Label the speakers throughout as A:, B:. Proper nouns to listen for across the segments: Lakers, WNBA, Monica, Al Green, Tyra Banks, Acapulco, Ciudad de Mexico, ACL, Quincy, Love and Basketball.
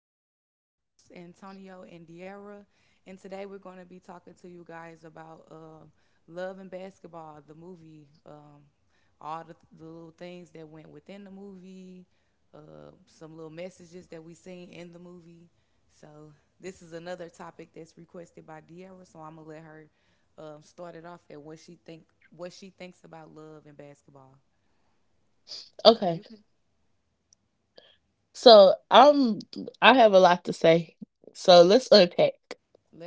A: with my two co hosts, Antonio and Diera. And today we're going to be talking to you guys about Love and Basketball, the movie, all the little things that went within the movie, some little messages that we seen in the movie. So, this is another topic that's requested by Diera, so I'm going to let her start it off at what she thinks about love and basketball.
B: Okay.
A: So you can
B: So I'm I have a lot to say. So let's unpack.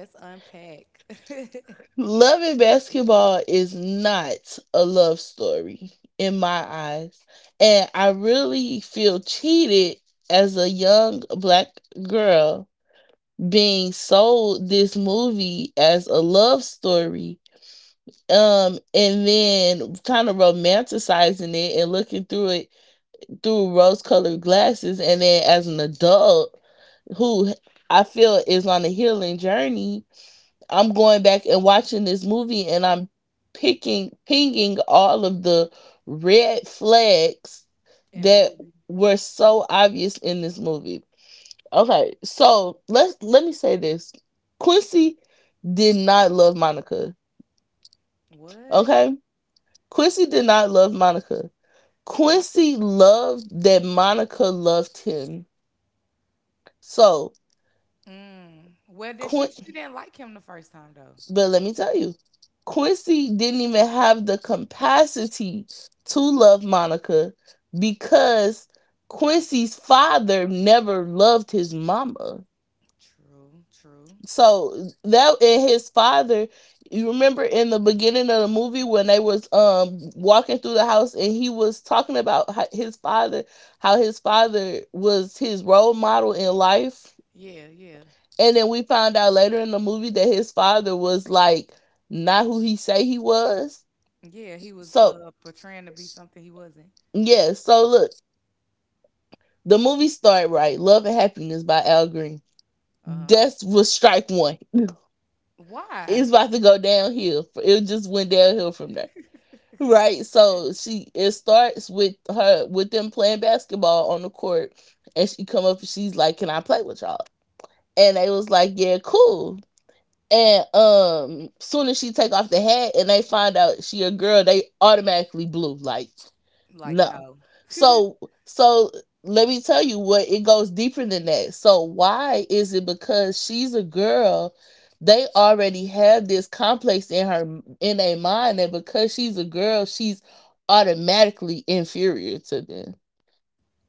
A: Let's unpack
B: Loving basketball is not a love story in my eyes. And I really feel cheated as a young black girl being sold this movie as a love story. And then kind of romanticizing it and looking through it through rose colored glasses. And then as an adult, who I feel is on a healing journey, I'm going back and watching this movie and I'm pinging all of the red flags
A: in
B: that
A: the movie.
B: were so obvious in this movie. Okay, so let me say this. Quincy did not love Monica.
A: What?
B: Okay? Quincy did not love Monica.
A: What?
B: Quincy loved that Monica loved him. So,
A: Mm. Well, then
B: Qu-
A: she didn't like him the first time though.
B: But let me tell you, Quincy didn't even have the capacity to love Monica because Quincy's father never loved his mama.
A: True. True.
B: So that and his father, you remember in the beginning of the movie when they was walking through the house and he was talking about how his father was his role model in life,
A: Yeah. Yeah.
B: and then we found out later in the movie that his father was like not who he say he was.
A: Yeah. He was
B: So
A: portraying to be something he wasn't.
B: yeah, so look, the movie started right. Love and Happiness by Al Green.
A: Uh
B: That's
A: huh.
B: was strike one. It's about
A: Why?
B: to go downhill. It just went downhill from there. Right. So she it starts with her with them playing basketball on the court and she come up and she's like, "Can I play with y'all?" And they was like, "Yeah, cool." And soon as she take off the hat and they find out she a girl, they automatically blue. Like,
A: Like
B: no.
A: no.
B: So so let me tell you, what it goes deeper than that. So why is it because she's a girl? They already have this complex in her in their mind that because she's a girl, she's automatically inferior to them.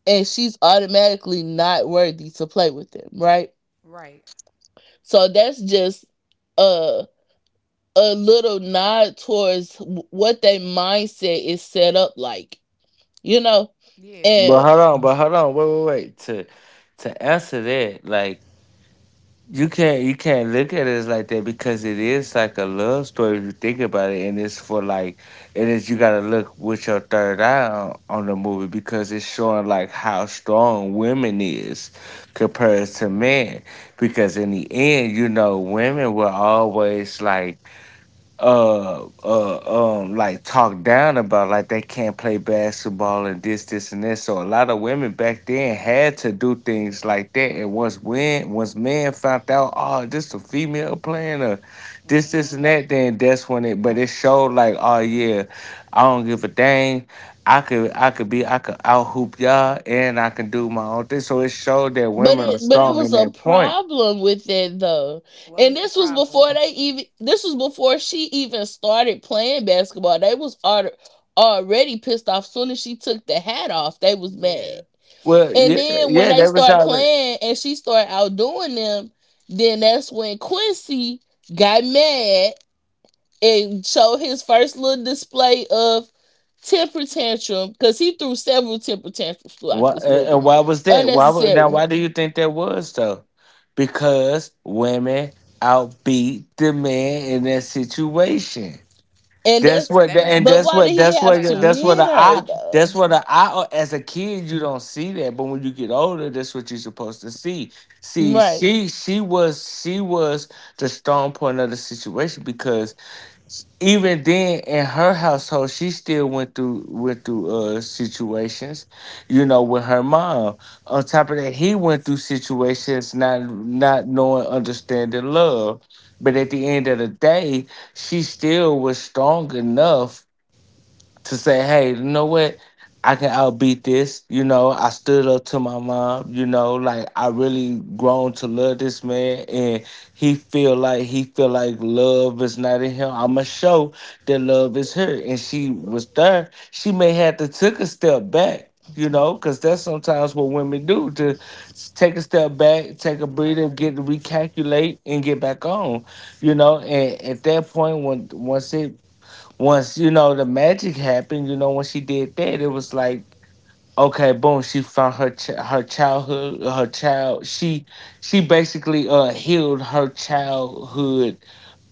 B: And she's automatically not worthy to play with them, right?
A: Right.
B: So that's just a. a little nod towards what their mindset is set up like, you know?
A: Yeah.
B: And
C: But hold on, wait, wait, wait. To answer that, like you can't look at it as like that because it is like a love story if you think about it, and it's for like and it is you gotta look with your third eye on the movie because it's showing like how strong women is compared to men. Because in the end, women were always like talked down about, like, they can't play basketball and this and that, so a lot of women back then had to do things like that. And once men found out, oh, this a female playing or this and
A: Hmm.
C: that, then that's when it, but it showed like, oh, yeah, I don't give a dang. I could out hoop y'all, and I can do my own thing, so it showed that women are
B: but it
C: strong in
B: was a
C: that point.
B: problem with it though. And
A: What was the problem?
B: this was before she even started playing basketball. Already pissed off soon as she took the hat off. They was mad.
A: Yeah.
C: Well,
B: And
C: yeah,
A: Yeah.
B: then when
C: yeah,
B: they
C: that was
B: start
C: all.
B: playing and she started outdoing them, then that's when Quincy got mad and show his first little display of temper tantrum, because he threw several temper tantrums throughout this movie,
C: Why was that? Why would now?
B: unnecessary.
C: Why do you think that was though? Because women outbeat the man in that situation.
A: But
B: And
A: they
B: that's
A: never knew if
B: But
A: she
B: why did
A: could
B: he
A: play
B: have
A: though.
B: to
C: That's what
B: hit
C: the
B: her
C: eye,
B: though?
C: that's what the eye. As a kid, you don't see that, but when you get older, that's what you're supposed to see. See,
B: Right,
C: she was the strong point of the situation because even then in her household she still went through situations, you know, with her mom. On top of that, he went through situations, not knowing, understanding love. But at the end of the day, she still was strong enough to say, "Hey, you know what? I can outbeat this. You know, I stood up to my mom. You know, like I really grown to love this man, and he feel like love is not in him. I'ma show that love is her," and she was there. She may have to took a step back. You know, because that's sometimes what women do: to take a step back, take a breather,
A: Right.
C: get to recalculate, and get back on. You know, and at that point, when once it once the magic happened, when she did that, it was like, okay, boom. She found her her childhood, her child. She basically healed her childhood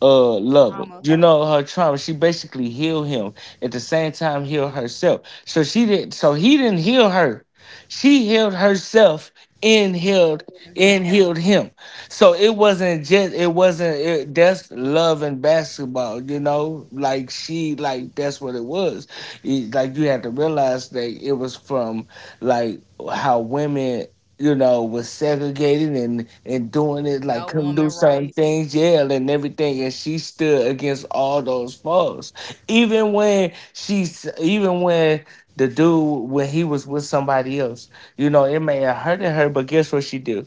C: lover.
A: Trauma
C: You know, her trauma. She basically healed him at the same time, healed herself. So she didn't. So he didn't heal her. She healed herself and healed
A: and him.
C: and
A: him.
C: healed him. So it wasn't just. It wasn't. It, that's love and basketball. You know, like she, like, that's what it was. Like, you had to realize that it was from, like, how women, was segregated and doing it, like,
A: No
C: couldn't do
A: woman
C: certain
A: rights.
C: things, yeah, and everything, and she stood against all those folks. Even when the dude, when he was with somebody else, you know, it may have hurted her, but guess what she do?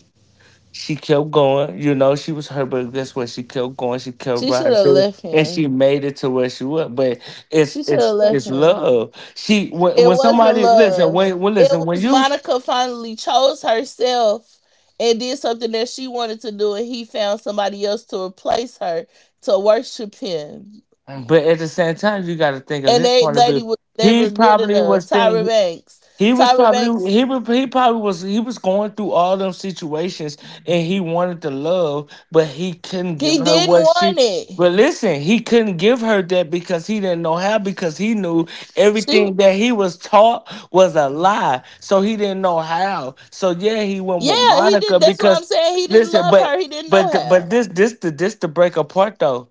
C: She kept going. You know, she was hurt, but guess what? She kept going. She kept
B: she
C: riding
B: should have
C: through,
B: left
C: and she
B: him.
C: made it to where she was. But it's
B: She should have
C: it's
B: left
C: it's
B: him.
C: love. She, when
B: It
C: when
B: wasn't
C: somebody, listen,
B: love.
C: when
B: It
C: listen, when
B: was
C: you,
B: Monica finally chose herself and did something that she wanted to do, and he found somebody else to replace her to worship him.
C: but at the
A: Mm,
C: same time you got to think of
B: And
C: his
B: that
C: point of view.
B: lady was never
C: He
B: good
C: probably
B: enough.
C: was
B: Tyra
C: thinking.
B: Banks.
C: He was
B: Tyra
C: probably
B: Banks,
C: he was he probably was he was going through all them situations, and he wanted to love, but he couldn't give
B: he
C: her
B: didn't
C: what she.
B: want it.
C: But listen, he couldn't give her that because he didn't know how, because he knew
B: She
C: everything that he was taught was a
A: mm.
C: lie. So he didn't know how. So yeah, he went with
B: Yeah, he
C: Monica
B: did. That's what I'm
C: because
B: saying. He didn't
C: listen,
B: love her.
C: but
B: He didn't know
C: but but
B: how.
C: this the break apart though,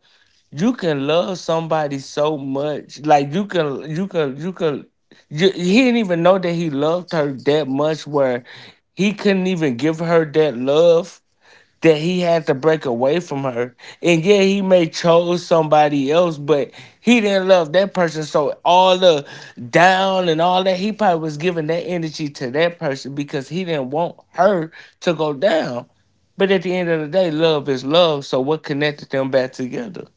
C: you can love somebody so much, like he didn't even know that he loved her that much where he couldn't even give her that love, that he had to break away from her. And yeah, he may chose somebody else, but he didn't love that person, so all the down and all that, he probably was giving that energy to that person because he didn't want her to go down. But at the end of the day, love is love, so what connected them back together,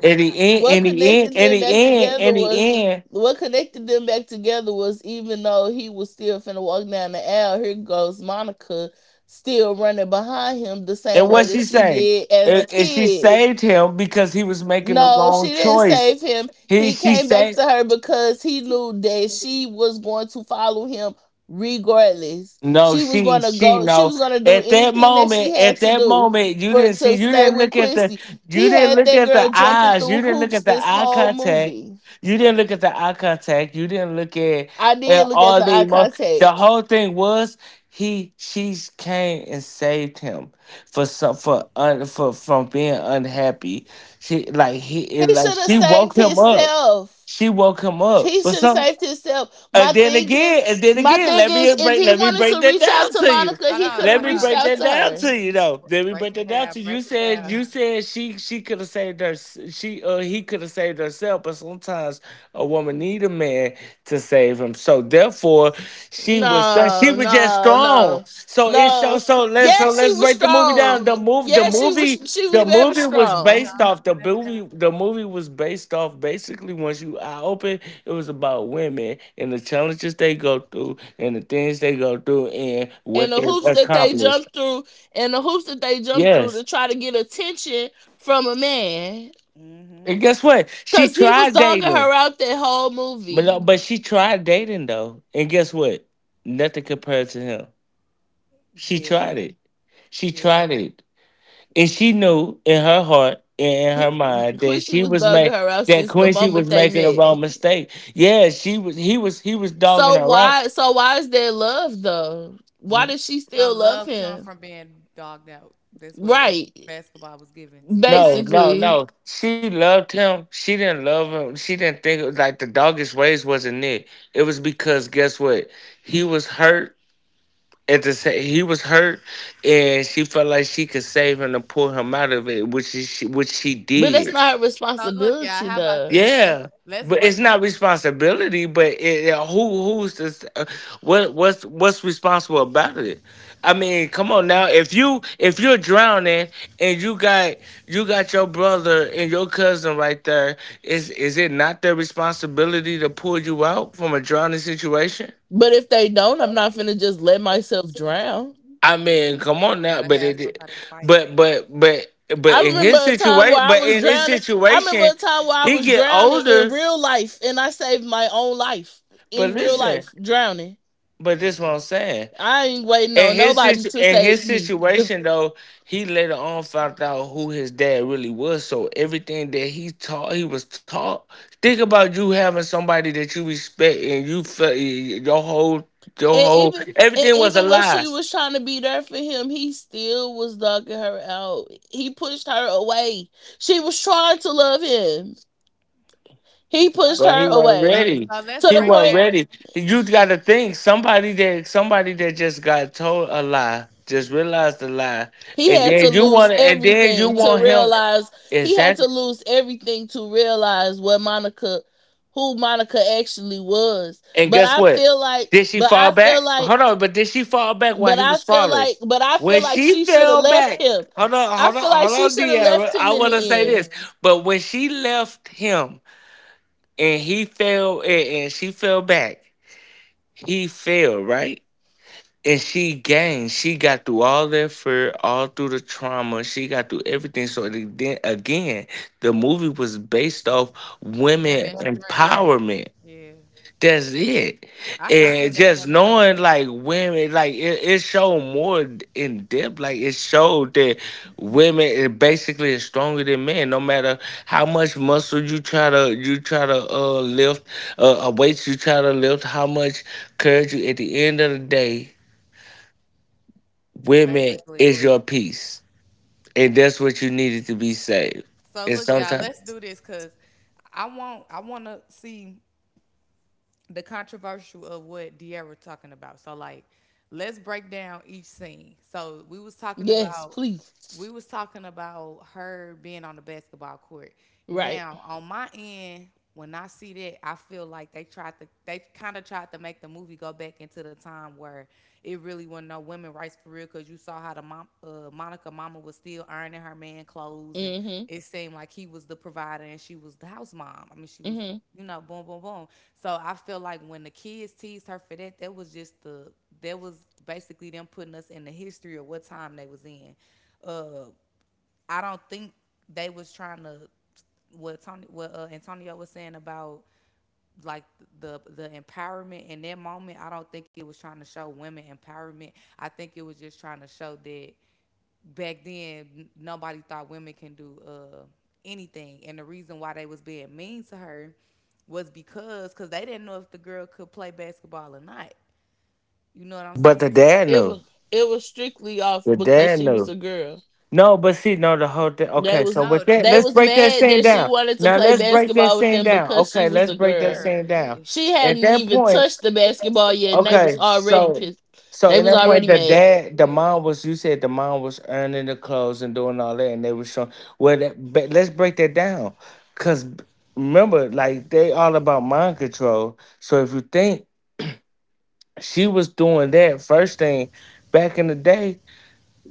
C: in the end,
B: What
C: in the end,
B: connected
C: in
B: them
C: the
B: back
C: end, in
B: together was
C: the end,
B: what connected them back together was, even though he was still finna walk down the aisle, here goes Monica still running behind him the same
C: and
B: way
C: what
B: that
C: she
B: she
C: say?
B: did as
C: And,
B: a
C: and she
B: kid.
C: saved him because he was making the
B: No, she
C: wrong
B: didn't
C: choice.
B: save him.
C: He
B: He
C: She
B: came back to
C: saved.
B: her because he knew that she was going to follow him regardless.
C: No,
B: She was
C: she
B: going to
C: she
B: go, she
C: no.
B: was going to do
C: At that
B: anything that she
C: moment, at
B: had to
C: that
B: do
C: moment, you
B: for
C: didn't see,
B: to
C: you
B: stay
C: didn't
B: with
C: look at the,
B: Quincy.
C: you
B: He
C: didn't
B: had
C: look
B: that
C: at the
B: girl jumping
A: Wait,
C: eyes, you
B: through
A: wait,
C: didn't look
B: hoops
C: at the
B: this
C: eye
B: whole
C: contact,
B: movie.
A: wait.
C: you didn't look at,
B: I
C: at
B: did look at
C: all
B: the
C: the
B: eye contact.
C: the whole thing was, he she came and saved him for some for un, for from being unhappy. She like he it,
B: He
C: like
B: should have
C: she woke
B: saved
C: him up.
B: himself.
C: She woke him up.
B: He
C: For
B: should have
C: some.
B: saved himself.
C: And then again, and then
B: My
C: again,
B: thing
C: let
B: is,
C: me
B: if
C: break
B: he
C: let me
B: wanted
C: break
B: to
C: that
B: reach out
C: down
B: to
C: to you.
B: Monica, he
A: Hold
B: could
C: Let
B: have
A: on,
C: me
A: hold
B: reached
C: break
A: on.
B: out
C: that
B: to
C: down to
B: her.
C: you, though. Let me break
A: Break
C: that
A: it
C: down to
A: down,
C: you. You
A: break it
C: said you
A: down.
C: said she could have saved her she he could have saved herself, but sometimes a woman need a man to save him. So therefore she was she
B: No,
C: was just
B: no,
C: strong.
B: no,
C: So it
B: No.
C: shows, so let's so
B: Yes, she
C: let's
B: was
C: break the movie down.
B: strong.
C: The move the
B: Yes, she was.
C: movie
B: She was
C: the
B: very
C: movie
A: Hold on,
B: strong.
A: hold on. One at
C: The movie was based off basically once you eye open. It was about women and the challenges they go through and the things they go through and
B: And
C: what
B: the
C: they
B: hoops that they
C: accomplished.
B: jumped through, and the hoops that they jumped through to
C: Yes.
B: try to get attention from a man,
A: a
C: And
A: time.
C: guess what? She
B: cause he was
C: tried
B: dogging
C: dating.
B: her out that whole
C: But uh,
B: movie.
C: but she tried dating though. And guess what? Nothing compared to him. She
A: Mm-hmm. Yeah.
C: tried it. She tried
A: Yeah.
C: it. And she knew in her heart and in her
B: He,
C: mind
B: Quincy was dogging her out
C: that
B: since the
C: Quincy
B: moment
C: was
B: they
C: making a
B: met.
C: wrong mistake. Yeah, she was he was he was dogging her out.
B: So why is there love though? Why does she still
A: So
B: love
A: love
B: him?
A: comes from being dogged out. That's what love
B: Right,
A: basketball was given to you.
C: No, no,
B: basically.
C: no. She loved him. She didn't love him. She didn't think like the doggish ways wasn't it. It was because, guess what? He was hurt he was hurt, and she felt like she could save him and pull him out of it, which is she, which she
B: But that's
C: did.
B: not
A: So look,
B: responsibility
A: y'all, how about
B: though.
A: this?
C: Yeah,
A: Let's
C: but it's
A: break
C: not
A: it.
C: responsibility. But it, who's this? What's responsible about it? I mean, come on now. If you if you're drowning and you got your brother and your cousin right there, is it not their responsibility to pull you out from a drowning situation?
B: But if they don't, I'm not finna just let myself drown.
C: I
A: Yeah.
C: mean, come on now.
A: Gotta
C: But
A: have some
C: it,
A: type of fight.
C: but but but but
B: I
C: in
B: remember
C: his
B: a time where
C: situation,
B: I was drowning. I remember a time where I
C: he
B: was
C: get
B: drowning in
C: older.
B: real life and I saved my own life.
C: But
B: In real
A: Yeah,
C: listen.
B: life, drowning.
C: But this is
A: yeah.
C: what I'm saying.
B: I ain't waiting
C: In
B: on
C: his
B: nobody to
C: in
B: save
C: his
B: me. Ugh.
C: situation though, he later on found out who his dad really was. So everything that he taught, he was taught. Think about you having somebody that you respect, and you felt your whole your
B: And
C: whole
B: even
C: everything was a
B: when
C: lie.
B: she was trying to be there for him, he still was dogging her out. He pushed her away. She was trying to love him. He pushed
A: So
C: But he
B: her
C: wasn't
B: away
A: so
C: ready.
A: so
B: to
A: let's
C: He
B: the
A: break
C: wasn't
B: point.
C: ready.
A: down
C: You gotta think, somebody that just got told a lie, just realized the lie,
B: He
C: and
B: had to
C: then
B: lose
C: you
B: everything to
C: want him.
B: realize he had to
C: Exactly.
B: lose everything to realize what Monica, who Monica actually was.
C: And
B: But
C: guess
B: I
C: what?
B: feel like
C: Did she
B: but
C: fall
B: I feel
C: back?
B: like
C: Hold on, but did she fall back while
B: but
C: he
B: I
C: was
B: feel
C: falling?
B: like But I
C: When
B: feel like
C: she
B: she should have
C: fell
B: left
C: back,
B: him.
C: hold on,
B: I
C: hold on,
B: feel like
C: hold
B: she
C: on,
B: should have
C: Deanna.
B: left
C: I
B: him in the
C: want to say
B: end.
C: this, but when she left him and he fell, and she fell back, he fell right, and she gained. She got through all that fear, all through the trauma. She got through everything. So then again, the movie was based off women
A: women's strength.
C: empowerment.
A: Yeah.
C: That's it.
A: I could
C: And
A: see that
C: just
A: point of view,
C: knowing, like, women, like it showed more in depth. Like it showed that women is basically is stronger than men. No matter how much muscle you try to lift, a weight you try to lift, how much courage you, at the end of the day, women is
A: basically.
C: your peace. And that's what you needed to be saved. And
A: So look, y'all,
C: sometimes.
A: let's do this because I want to see the controversial of what De'Ara talking about. So like, let's break down each scene. So we was talking
B: Yes,
A: about
B: please.
A: we was talking about her being on the basketball court.
B: Right.
A: Now on my end, when I see that, I feel like they kind of tried to make the movie go back into the time where it really wasn't no women rights for real. Cause you saw how the mom, Monica mama was still ironing her man clothes, and
B: Mhm.
A: it seemed like he was the provider and she was the house mom. I mean, she was,
B: Mhm.
A: boom, boom, boom. So I feel like when the kids teased her for that, that was just the that was basically them putting us in the history of what time they was in. Uh, I don't think they was trying to what Antonio was saying about like the empowerment in that moment. I don't think it was trying to show women empowerment. I think it was just trying to show that back then nobody thought women can do, anything, and the reason why they was being mean to her was because they didn't know if the girl could play basketball or not, you know what I'm
C: But the
A: saying?
C: dad
B: It
C: knew.
B: was it was strictly off
C: The
B: because
C: dad
B: she was
C: knew.
B: a girl.
C: No, but see, no, the whole thing.
B: They
C: Okay, so
B: was
C: with
A: No,
C: that,
B: they
C: let's
B: was
C: break that
B: mad
C: scene
B: that she
C: down.
B: wanted to
C: Now
B: play
C: let's break that
B: basketball with
C: scene
B: them
C: down.
B: because she
C: Okay,
B: was a
C: let's break
A: the
C: that
B: girl.
A: girl,
C: scene down.
A: yeah,
B: She
C: At
B: hadn't
C: that
B: even
C: point,
B: touched the basketball yet, and they was
C: okay,
B: already
C: so
B: pissed.
C: so
B: They
C: in
B: was
C: that point,
B: already
A: mad,
C: the
B: mad.
C: dad, the
A: yeah,
C: mom was. You said the mom was earning the clothes and doing all that, and they were showing. Well, that, but let's break that down, cause remember, like they all about mind control. So if you think she was doing that first thing back in the day,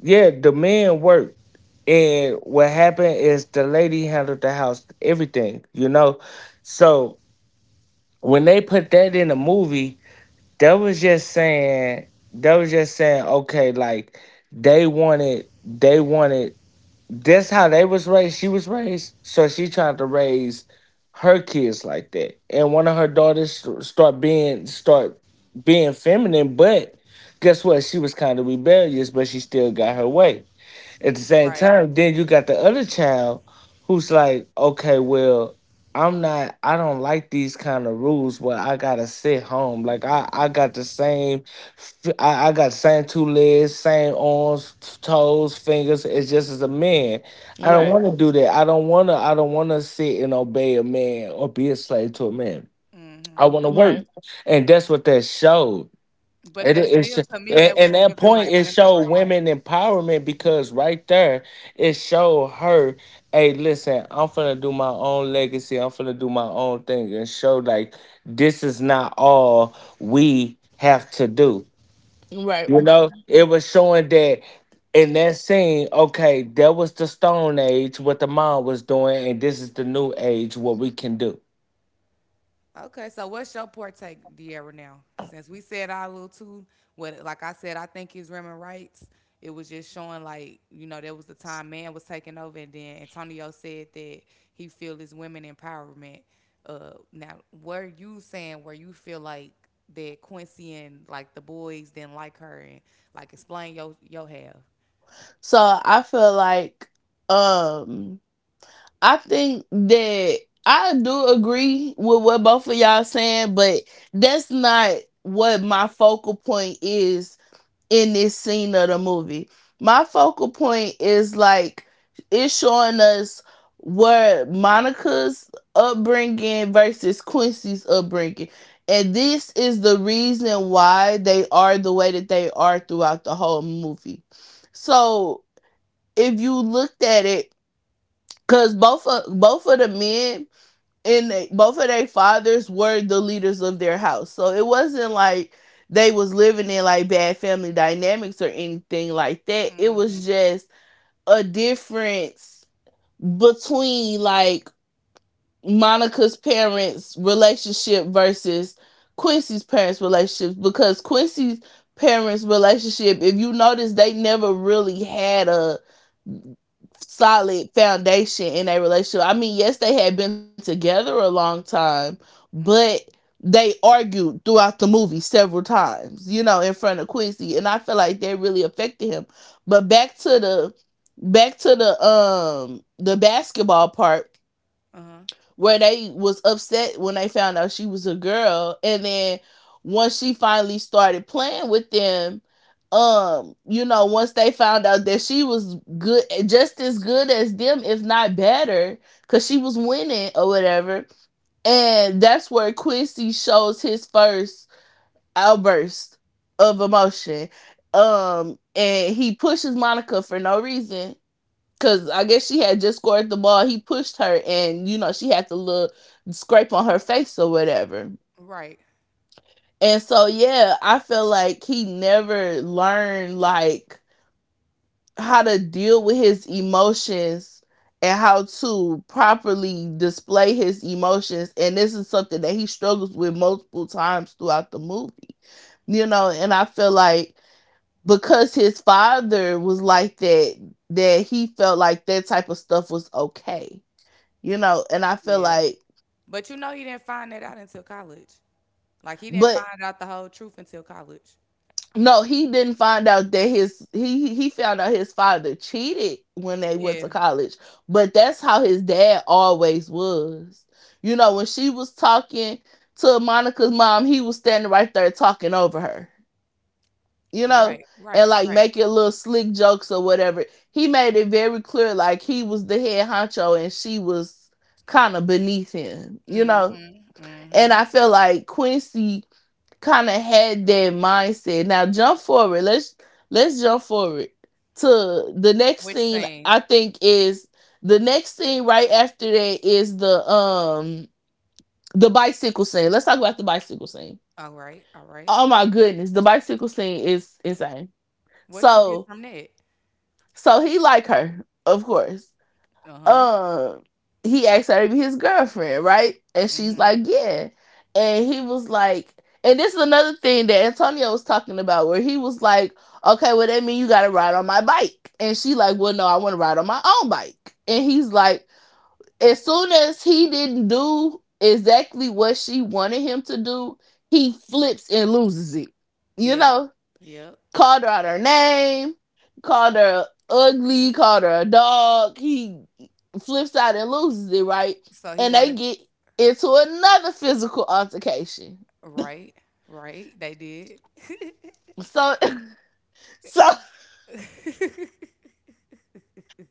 C: yeah, the man worked. And what happened is the lady handled the house, everything, you know? So when they put that in the movie, that was just saying that was just saying, okay, like they wanted that's how they was raised. She was raised. So she tried to raise her kids like that. And one of her daughters start being feminine, but guess what? She was kind of rebellious, but she still got her way. At the same
A: right.
C: time, then you got the other child who's like, okay, well, I'm not, I don't like these kind of rules where I gotta sit home. Like I got the same, I got same two legs, same arms, toes, fingers. It's just as a man. I don't
B: Right,
C: want to do that. I don't want to. I don't want to sit and obey a man or be a slave to a man. I
A: Mm-hmm.
C: want to work,
B: right,
C: and that's what that showed. It
A: But that
C: is,
A: still, to me,
C: and,
A: that
C: and
A: was
C: that
A: giving
C: point
A: like
C: it
A: women
C: showed
A: rights.
C: women empowerment because right there it showed her, hey, listen, I'm finna do my own legacy. I'm finna do my own thing, and show like this is not all we have to do.
B: right.
C: You know, it was showing that in that scene. Okay, that was the Stone Age, what the mom was doing, and this is the New Age, what we can do.
A: Okay, so what's your partake, De'Ara? Now, since we said our little two, what like I said, I think is women rights. It was just showing like, there was the time man was taking over, and then Antonio said that he feel is women empowerment. Now, were you saying where you feel like that Quincy and like the boys didn't like her, and like explain your have?
B: So I feel like, um, I think that I do agree with what both of y'all saying, but that's not what my focal point is in this scene of the movie. My focal point is like it's showing us where Monica's upbringing versus Quincy's upbringing. And this is the reason why they are the way that they are throughout the whole movie. So if you looked at it, because both of the men and they, both of their fathers were the leaders of their house. So it wasn't like they was living in like bad family dynamics or anything like that. It was
A: Mm-hmm.
B: just a difference between like Monica's parents' relationship versus Quincy's parents' relationships, because Quincy's parents' relationship, if you notice, they never really had a solid foundation in a relationship. I mean, yes, they had been together a long time, but they argued throughout the movie several times, you know, in front of Quincy, and I feel like that really affected him. But back to the the basketball part
A: Uh huh.
B: where they was upset when they found out she was a girl, and then once she finally started playing with them, you know, once they found out that she was good, just as good as them, if not better, cuz she was winning or whatever. And that's where Quincy shows his first outburst of emotion. And he pushes Monica for no reason. Cause I guess she had just scored the ball. He pushed her, and you know she had to look, scrape on her face or whatever.
A: Right.
B: And so yeah, I feel like he never learned like how to deal with his emotions and how to properly display his emotions. And this is something that he struggles with multiple times throughout the movie, you know. And I feel like because his father was like that, that he felt like that type of stuff was okay, you know. And I feel
A: Yeah.
B: like
A: But you know he didn't find that out until college. Like he didn't
B: But
A: find out the whole truth until college.
B: no, he didn't find out that his, he found out his father cheated when they went to
A: Yeah.
B: college, but that's how his dad always was. You know, when she was talking to Monica's mom, he was standing right there talking over her, you know,
A: Right.
B: and
A: Right.
B: like
A: Right.
B: making little slick jokes or whatever. He made it very clear like he was the head honcho and she was kind of beneath him, you know.
A: Mm-hmm.
B: And
A: Mm-hmm.
B: I feel like Quincy kind of had that mindset. Now jump forward. Let's jump forward to the next
A: Which
B: scene. I
A: scene?
B: think is The next scene right after that is the bicycle scene. Let's talk about the bicycle scene.
A: All right. All right.
B: Oh my goodness, the bicycle scene is insane.
A: What you get
B: So
A: from that?
B: so he like her, of course.
A: Uh-huh.
B: um he asked her to be his girlfriend, right? And she's
A: Mm-hmm.
B: like, "Yeah." And he was like, and this is another thing that Antonio was talking about, where he was like, "Okay, well that means you gotta ride on my bike." And she like, "Well, no, I wanna ride on my own bike." And he's like, as soon as he didn't do exactly what she wanted him to do, he flips and loses it. You
A: Yep.
B: know?
A: Yep.
B: Called her out her name, called her ugly, called her a dog. He flips out and loses it, right?
A: So he
B: And they
A: wanted
B: get into another physical altercation.
A: Right. Right. They did.
B: So, so,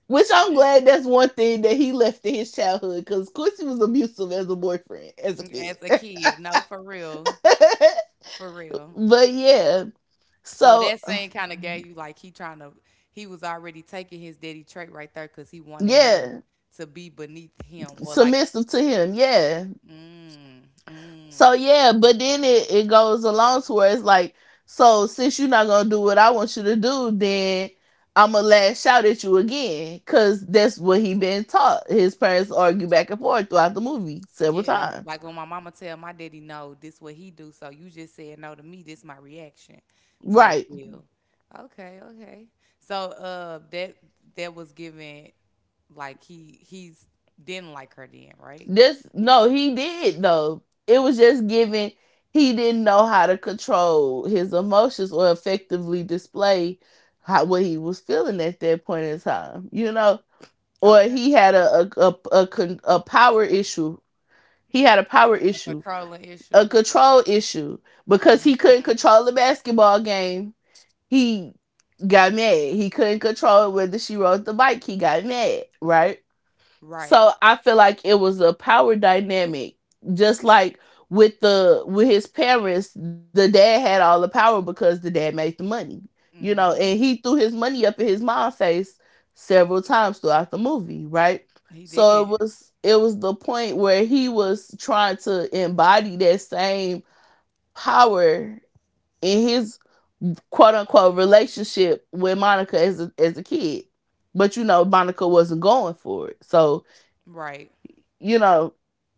B: which, I'm glad that's one thing that he left in his childhood, because Quincy was abusive as a boyfriend, as a kid.
A: As a kid. No, for real. For real.
B: But yeah,
A: So
B: so
A: that scene kind of gave you like he trying to he was already taking his daddy trait right there because he wanted her
B: yeah,
A: to be beneath him, or like,
B: submissive to him. Yeah.
A: mm, mm.
B: So yeah, but then it goes along to where it's like, so since you're not gonna do what I want you to do, then I'ma lash out at you again. Cause that's what he been taught. His parents argue back and forth throughout the movie several
A: Yeah,
B: times.
A: like when my mama tell my daddy no, this what he do. So you just said no to me. This my reaction, type
B: Right.
A: deal. Okay, okay. So, that was given, like he's didn't like her then, right?
B: This no, he did though. It was just given he didn't know how to control his emotions or effectively display how what he was feeling at that point in time, you know? Or
A: Okay,
B: he had a, a, a power issue. He had a power
A: a
B: issue,
A: controlling issue.
B: a control issue because he
A: Hmm.
B: couldn't control the basketball game. He got mad. He couldn't control whether she rode the bike. He got mad, right?
A: Right.
B: So I feel like it was a power dynamic, just like with the with his parents. The dad had all the power because the dad made the money, you know, and
A: Hmm.
B: he threw his money up in his mom's face several times throughout the movie, right?
A: He
B: So it
A: did.
B: was it was the point where he was trying to embody that same power in his quote unquote relationship with Monica as a kid, but you know Monica wasn't going for it, so
A: Right.
B: you know.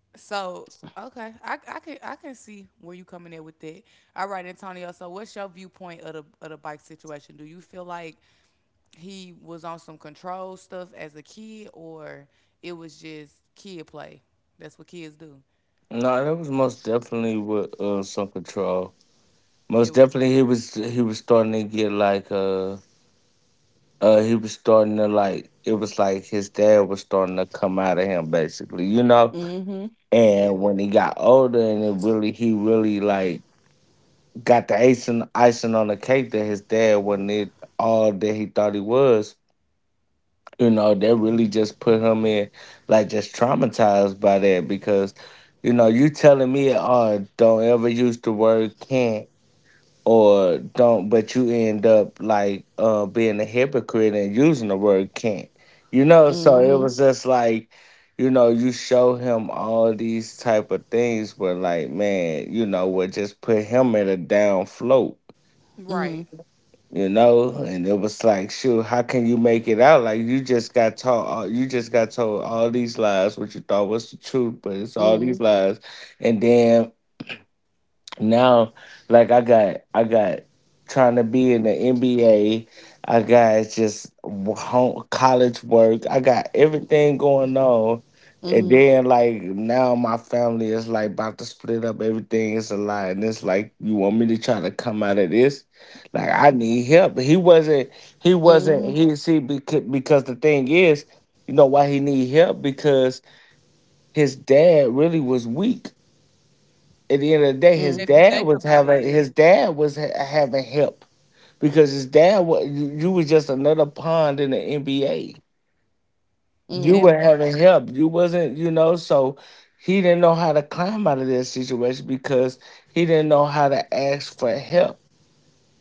A: So okay, I can see where you coming in with that. All right, Antonio. So what's your viewpoint of the bike situation? Do you feel like he was on some control stuff as a kid, or it was just kid play? That's what kids do.
C: No, that was most definitely with some control. Most
A: It was
C: definitely, he was starting to get like he was starting to like it was like his dad was starting to come out of him basically, you know.
B: Mhm.
C: And
A: yeah.
C: when he got older, and it really he really like got the icing on the cake that his dad wasn't it all that he thought he was. You know, that really just put him in like just traumatized by that because you know you telling me, oh, don't ever use the word can't or don't, but you end up like being a hypocrite and using the word can't, you know,
A: Hmm.
C: so it
B: Mhm.
C: was just like you know you show him all these type of things but like, man, you know would just put him at a down float,
B: Mhm.
A: Right.
C: you know, and it was like shoot how can you make it out like you just got told all these lies what you thought was the truth but it's all these
B: Mhm.
C: lies. And then now like I got trying to be in the NBA, I got just home, college work, I got everything going on. And
B: Mhm.
C: then like now my family is like about to split up, everything is a lot, and it's like you want me to try to come out of this like I need help. He wasn't
B: Mhm.
C: he see because the thing is, you know why he need help, because his dad really was weak. At the end of the day, his
B: Mhm.
A: If you
C: dad
A: think
C: was
A: about it,
C: having
A: yeah.
C: his dad was ha- having help because his dad was, you was just another pawn in the NBA. You
A: That
B: Mhm.
C: were
A: part.
C: having help. You wasn't, you know, so he didn't know how to climb out of that situation because he didn't know how to ask for help.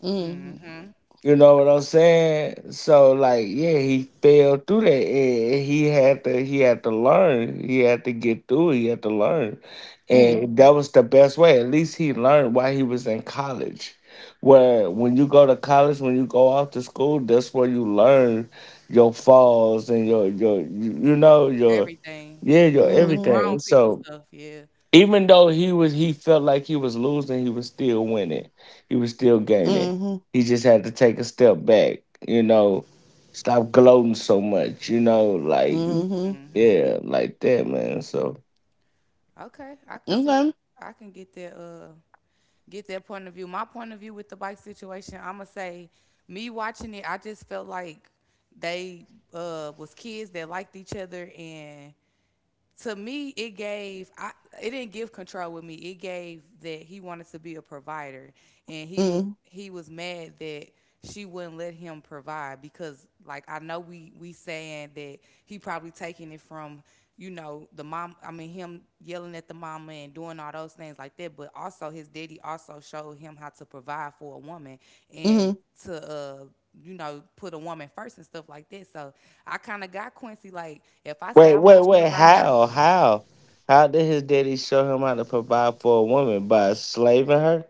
B: Mhm.
A: Hmm.
C: You know what I'm saying? So like, yeah, he fell through that. And he had to learn. He had to get through it. He had to learn.
B: Mhm.
C: And that was the best way. At least he learned while he was in college. Where when you go to college, when you go off to school, that's where you learn your falls and your you know, your
A: Everything.
C: yeah, your
A: The
B: Mhm.
C: everything.
A: grown people
C: So
A: stuff. Yeah.
C: even though he was, he felt like he was losing, he was still winning. He was still gaining.
B: Mhm.
C: He just had to take a step back. You know, stop gloating so much. You know, like
B: Mhm.
A: Hmm.
C: yeah, like that, man. So
A: Okay. I could see.
B: Okay.
A: I can get that. Get their point of view. My point of view with the bike situation, I'ma say, me watching it, I just felt like they, was kids that liked each other, and to me it gave I it didn't give control with me. It gave that he wanted to be a provider, and he was
B: Mhm.
A: he was mad that she wouldn't let him provide because like I know we saying that he probably taking it from, the mom, I mean him yelling at the mama and doing all those things like that, but also his daddy also showed him how to provide for a woman, and
B: Mhm.
A: to put a woman first and stuff like that, so I kind of got Quincy like if I say
C: wait,
A: I
C: wait,
A: want you to
C: wait.
A: ride.
C: How did his daddy show him how to provide for a woman by slaving her?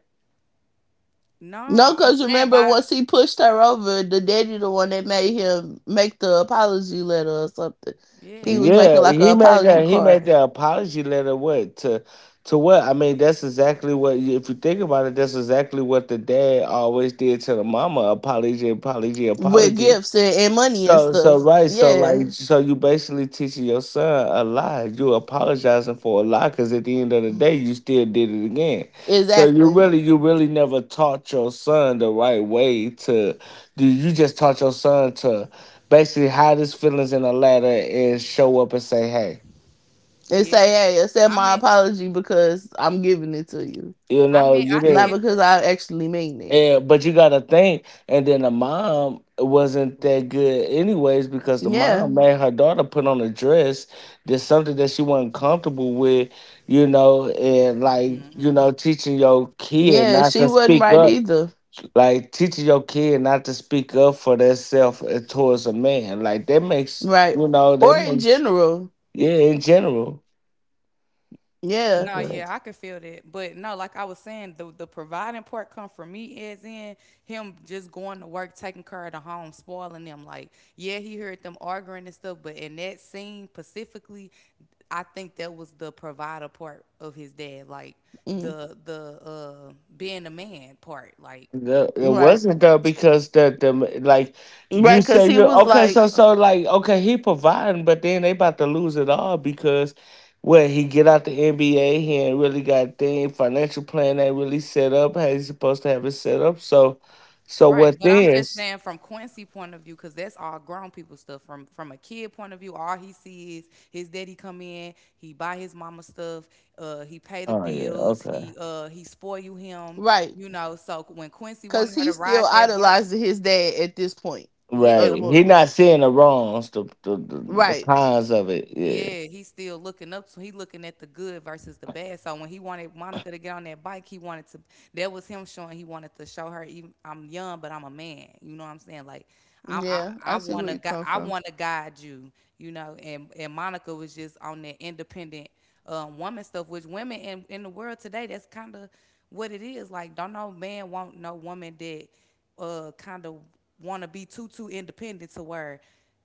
A: No,
B: No,
A: I'm
B: cause
A: saying
B: remember
A: by
B: once he pushed her over, the daddy the one that made him make the apology letter or something. He
A: yeah,
B: was making
C: Yeah,
B: like a
C: he made
B: apology
C: that. He made
B: card
C: that apology letter. What to what? I mean, that's exactly what. If you think about it, that's exactly what the dad always did to the mama. Apology, apology,
B: with
C: apology.
B: gifts and money and
C: So so
B: stuff.
C: right, so
B: Yeah,
C: like so you basically teaching your son a lie. You apologizing for a lie because at the end of the day you still did it again. So
B: exactly.
C: you really never taught your son the right way to do. You just taught your son to basically hide his feelings in a ladder and show up and say, hey,
B: And
A: yeah.
B: say, hey, accept
A: I
B: my
A: mean,
B: apology because I'm giving it to you.
C: you know, you
A: I can
B: Not
C: didn't.
A: get
B: because
A: that.
B: I actually mean it.
C: And but you gotta think, and then the mom wasn't that good anyways because the
B: Yeah.
C: mom made her daughter put on a dress, that's something that she wasn't comfortable with, you know, and like, you
A: Hmm.
C: know, teaching your kid
B: Yeah,
C: not
B: she
C: to
B: wasn't
C: speak
B: right
C: up.
B: either.
C: Like teaching your kid not to speak up for themselves towards a man. Like that makes,
B: Right.
C: you know, that
B: Or in
C: makes,
B: general.
C: yeah, in general.
B: Yeah.
A: No, yeah, I can feel that. But no, like I was saying, the providing part come from me as in him just going to work, taking care of the home, spoiling them. Like, yeah, he heard them arguing and stuff, but in that scene specifically, I think that was the provider part of his dad, like
B: Mm,
A: the being a man part, like,
C: It
B: right.
C: wasn't though because the like
B: Right,
C: you
B: because
C: say,
B: he
C: you
B: was
C: okay,
B: like,
C: so so like okay he providing but then they about to lose it all because well he get out the NBA he ain't really got thing financial plan ain't really set up how he's supposed to have it set up, so so
A: right,
C: what
A: but I'm
C: then?
A: just saying from Quincy point of view, because that's all grown people stuff. From a kid point of view, all he sees is his daddy come in, he buy his mama stuff, he pay the
C: Oh yeah,
A: bills,
C: okay,
A: he spoil you him,
B: right.
A: you know. So when Quincy wanted
B: Because
A: her
B: he
A: to
B: still
A: ride that bike,
B: idolizing his dad at this point of
C: right,
A: yeah,
B: the
C: he
B: movie.
C: not seeing the wrongs the
B: Right.
C: cons of it, yeah.
A: yeah, he's still looking up, so he looking at the good versus the bad. So when he wanted Monica to get on that bike, he wanted to. That was him showing he wanted to show her. Even I'm young, but I'm a man. You know what I'm saying? Like, I
B: Yeah,
A: I, I
B: I see where
A: wanna
B: you
A: gu-
B: come
A: I
B: from.
A: wanna guide you. You know, and Monica was just on that independent, woman stuff, which women in the world today, that's kind of what it is. Like, don't no man want no woman that kind of want to be too too independent to where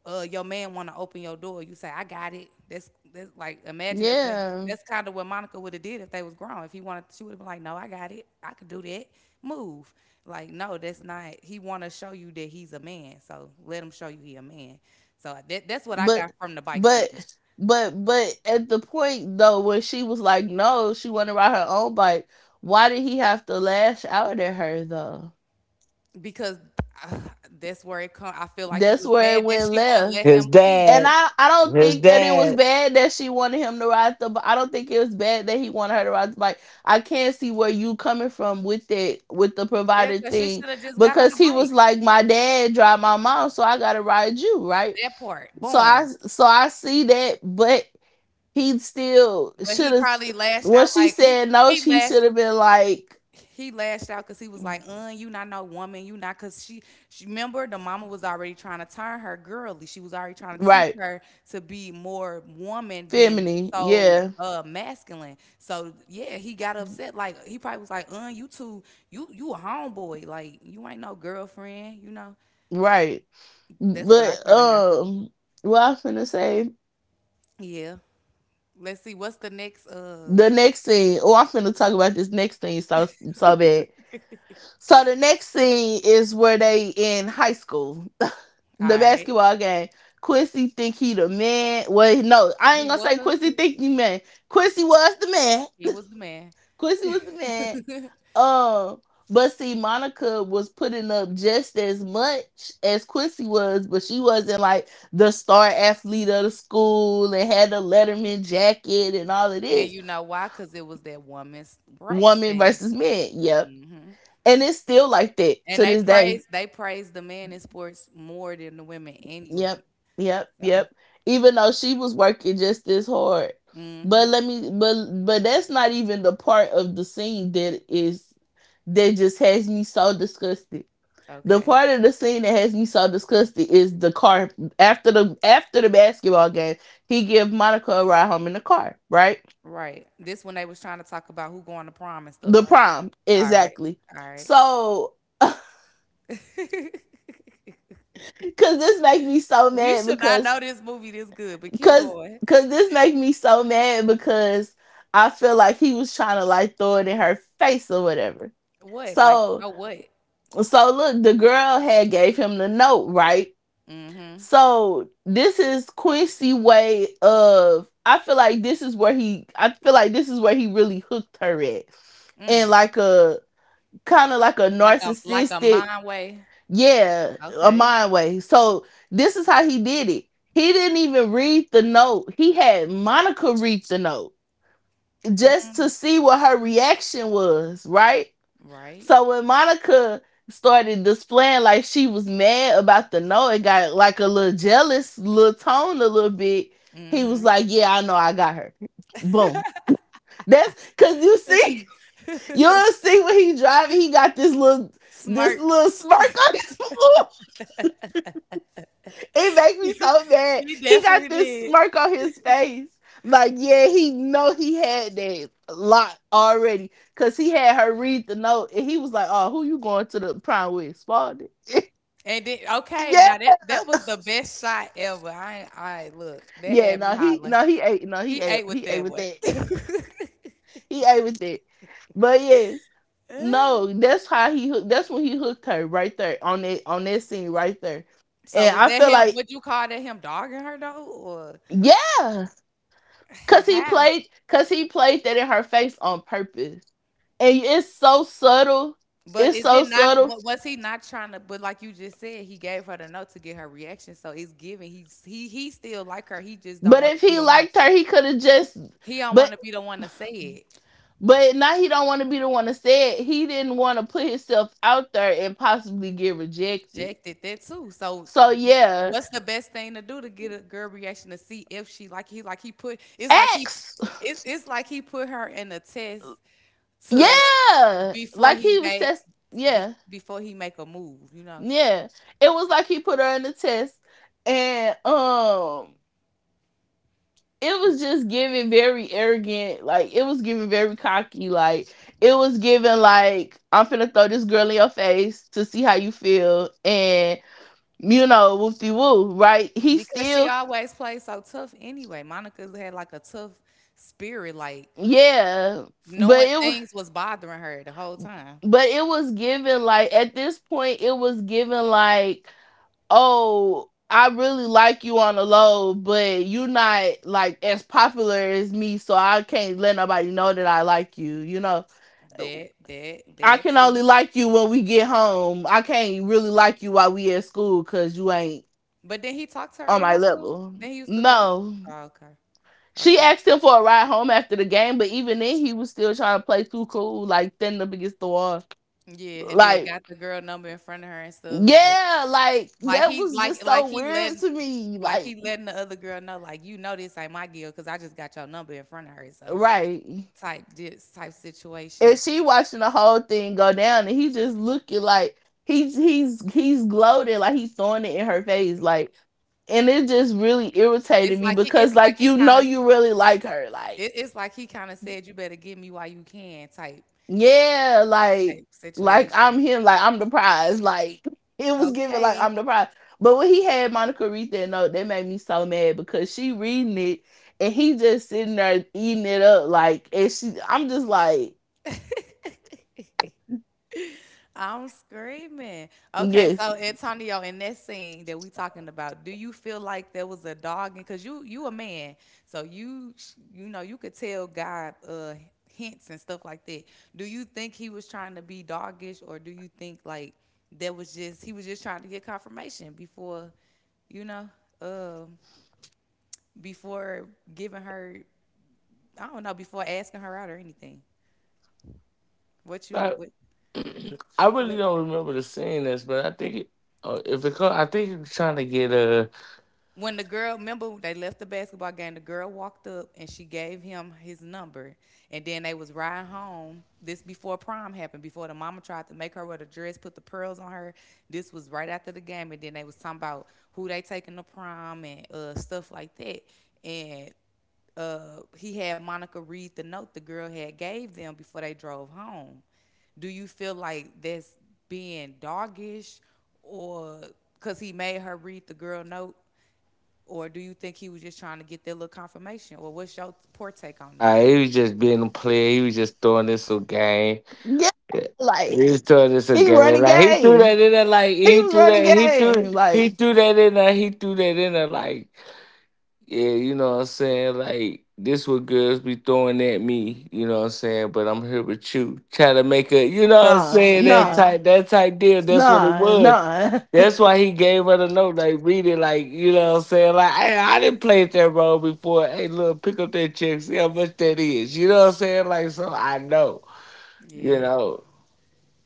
A: your man want to open your door. You say, "I got it." That's like imagine if they
B: Yeah.
A: that's kind of what Monica would have did if they was grown. If he wanted, she would have been like, "No, I got it. I could do that. Move." Like, no, that's not. He want to show you that he's a man. So let him show you he a man. So that's what I got
B: But,
A: from the bike
B: but,
A: scene,
B: but at the point though, when she was like, no, she want to ride her own bike, why did he have to lash out at her though?
A: because uh, that's where it come. I feel like he
B: That's
A: was
B: where it
A: mad that
B: went
A: she wouldn't let
B: left.
A: him
C: his
A: leave.
B: And
C: dad
B: I don't
C: his
B: think that it was
C: dad
B: bad that she wanted him to ride the bike. I don't think it was bad that he wanted her to ride the bike. I can't see where you coming from with that with the
A: Yeah,
B: provider
A: because she
B: thing,
A: should have just got on the
B: because he was
A: bike.
B: like, my dad drive my mom, so I gotta ride you, right?
A: That part,
B: So I,
A: boom.
B: so I see that, but he still
A: But
B: should
A: he
B: have.
A: probably lashed
B: When
A: out
B: she
A: like
B: said no,
A: he
B: she
A: lashed
B: should have been like,
A: he lashed out because he was like,
B: "Mm,
A: you not no woman, you not because she remember the mama was already trying to turn her girly. She was already trying to teach
B: right,
A: her to be more woman than
B: feminine,
A: so
B: yeah,
A: masculine. So yeah, he got upset. Like he probably was like, you two, you a homeboy, Like you ain't no girlfriend. You know.
B: right."
A: That's what I
B: But
A: kinda got from it.
B: What I'm finna say
A: Yeah. Let's see, what's the next
B: the next scene. Oh, I'm finna talk about this next scene so so bad.
A: all
B: So the next scene is where they in high school, the
A: right.
B: basketball game. Quincy think he the man. Well, no, I ain't
A: He
B: gonna
A: was
B: say Quincy
A: he,
B: think he man. Quincy was the man.
A: he was the man.
B: Quincy was the man. Um, but see, Monica was putting up just as much as Quincy was, but she wasn't like the star athlete of the school and had the Letterman jacket and all of
A: And
B: this.
A: you know why? Because it was that woman's
B: Woman
A: rights
B: versus
A: thing.
B: men. Yep.
A: Hmm.
B: And it's still like that to
A: And
B: this
A: they
B: day.
A: praise they praise the men in sports more than the women
B: Yep.
A: anyway.
B: Yep.
A: So,
B: Yep. Even though she was working just as hard. But
A: hmm,
B: let me but that's not even the part of the scene that is that just has me so disgusted. The
A: okay,
B: part of the scene that has me so disgusted is the car after the basketball game. He give Monica a ride home in the car, right?
A: right. This when they was trying to talk about who going to prom and stuff,
B: The
A: right?
B: prom,
A: All right,
B: exactly.
A: all right.
B: So, cause this makes me so
A: We
B: mad
A: should not
B: because
A: know this movie this good, but keep
B: cause
A: going.
B: cause this makes me so mad because I feel like he was trying to like throw it in her face or whatever.
A: What? Like,
B: So
A: oh, what?
B: so look, the girl had gave him the note, right?
A: Mm-hmm.
B: So this is Quincy way of I feel like this is where he really hooked her at. And
A: Mm.
B: like a kind of like a
A: Like a
B: narcissistic,
A: mind way.
B: yeah, a
A: Okay.
B: mind way. So this is how he did it. He didn't even read the note. He had Monica read the note just to
A: Mm.
B: see what her reaction was, right?
A: Right.
B: So when Monica started displaying like she was mad about the no, it got like a little jealous, little tone a little bit. He was
A: Mm-hmm.
B: like, "Yeah, I know, I got her." Boom. That's because you see, you'll see when he driving, he got this little. This
A: Smirk.
B: little smirk on his face. It makes me so mad.
A: He
B: He
A: definitely
B: got this
A: did.
B: smirk on his face, like yeah, he know he had that lot already, cause he had her read the note, and he was like, "Oh, who you going to the prime with, Spalding?"
A: And then okay,
B: Yeah,
A: now that was the best shot ever. I ain't- Look, that
B: yeah.
A: had me
B: No, he,
A: hollering.
B: no, he ate. No, he
A: He
B: ate.
A: ate with
B: He ate
A: that
B: with
A: one.
B: that. He ate with that. But yes, no, that's how he. Hook- That's when he hooked her right there on that scene right there.
A: So
B: And
A: was
B: I
A: that
B: feel
A: him?
B: like
A: Would you call that him dogging her though, or
B: yeah,
A: how?
B: cause he played that in her face on purpose. And it's so subtle.
A: But
B: It's
A: is
B: so
A: it not?
B: subtle.
A: Was he not trying to? But like you just said, he gave her the note to get her reaction. So it's giving. He still like her. He just don't
B: But
A: want to
B: if
A: be
B: he
A: the one.
B: liked her, he could have just.
A: He don't want
B: But
A: to be the one to say it.
B: but now he don't want to be the one to say it. He didn't want to put himself out there and possibly get rejected.
A: Rejected that too. So
B: So yeah,
A: what's the best thing to do to get a girl reaction to see if she like he put
B: X.
A: it's like he put her in a test to
B: Yeah,
A: before
B: like
A: he
B: he was
A: make
B: test. Yeah,
A: before he make a move, you know,
B: yeah. It was like he put her in the test, and it was just giving very arrogant. Like it was giving very cocky. Like it was giving like I'm finna throw this girl in your face to see how you feel, and you know woofy woo. Right? He
A: because she
B: still
A: always plays so tough anyway. Monica had like a tough spirit, like
B: yeah, but
A: knowing
B: it was
A: things was bothering her the whole time.
B: but it was given like at this point it was given like. Oh, I really like you on the low, but you're not like as popular as me, so I can't let nobody know that I like you. You know,
A: That that
B: I
A: that
B: can only
A: too.
B: like you when we get home. I can't really like you while we at school because you ain't
A: But then he talked to her
B: on
A: in
B: my
A: high school.
B: level.
A: Then he used to go. To,
B: No.
A: oh, okay,
B: She
A: okay.
B: asked him for a ride home after the game, but even then he was still trying to play too cool, like thin up against the wall.
A: Yeah, and then
B: Like,
A: got the girl number in front of her and stuff
B: yeah, like
A: Like
B: that
A: he
B: was just
A: like
B: so
A: like he
B: weird
A: letting
B: to me.
A: like
B: Like,
A: he letting the other girl know like you know this ain't my girl because I just got your number in front of her. So
B: right.
A: type this type
B: And
A: situation.
B: she watching the whole thing go down, and he just looking like he's he's gloating, like he's throwing it in her face, like, and it just really irritated me because
A: It's like
B: like
A: he
B: you
A: kind
B: know
A: of
B: you really like her, like
A: it's like he kind of said you better get me while you can type
B: yeah,
A: type
B: like
A: situation.
B: I'm him, like I'm the prize, like it was given like
A: Okay.
B: I'm the prize. But when he had Monica read that note, that made me so mad because she reading it and he just sitting there eating it up, like and she, I'm just like
A: I'm screaming. Okay,
B: yes,
A: so Antonio, in that scene that we talking about, do you feel like there was a dog? Because you a man, so you sh- you know you could tell God hints and stuff like that. Do you think he was trying to be doggish, or do you think like there was just he was just trying to get confirmation before, you know, um, before giving her I don't know before asking her out or anything. What you what
C: I really
A: what?
C: don't remember the saying this, but I think it, if it I think he was trying to get a.
A: When the girl remember they left the basketball game the girl walked up and she gave him his number, and then they was riding home this before prom happened before the mama tried to make her wear the dress put the pearls on her, this was right after the game and then they was talking about who they taking to prom and stuff like that, and he had Monica read the note the girl had gave them before they drove home. Do you feel like that's being doggish, or because he made her read the girl note, or do you think he was just trying to get that little confirmation? Or what's your poor take on it?
C: He was just being a player. He was just throwing this a game.
B: yeah,
C: Yeah,
B: like
C: he was throwing this a
B: He
C: game.
B: running
C: Like he threw
B: game.
C: that in there. Like
B: He
C: he
B: was
C: threw
B: running
C: that.
B: game.
C: He
B: Like,
C: threw that in there. He threw that in there. Like. Yeah, you know what I'm saying? Like, this what girls be throwing at me, you know what I'm saying? But I'm here with you. Try to make a, you know what I'm
B: nah,
C: saying,
A: Yeah,
B: nah,
C: that type deal. That's what it
B: nah,
C: was.
B: nah.
C: That's why he gave her the note, like read it, like, you know what I'm saying? Like, hey, I didn't play that role before. Hey, look, pick up that check, see how much that is. You know what I'm saying? Like, so I know, you
A: yeah,
C: know,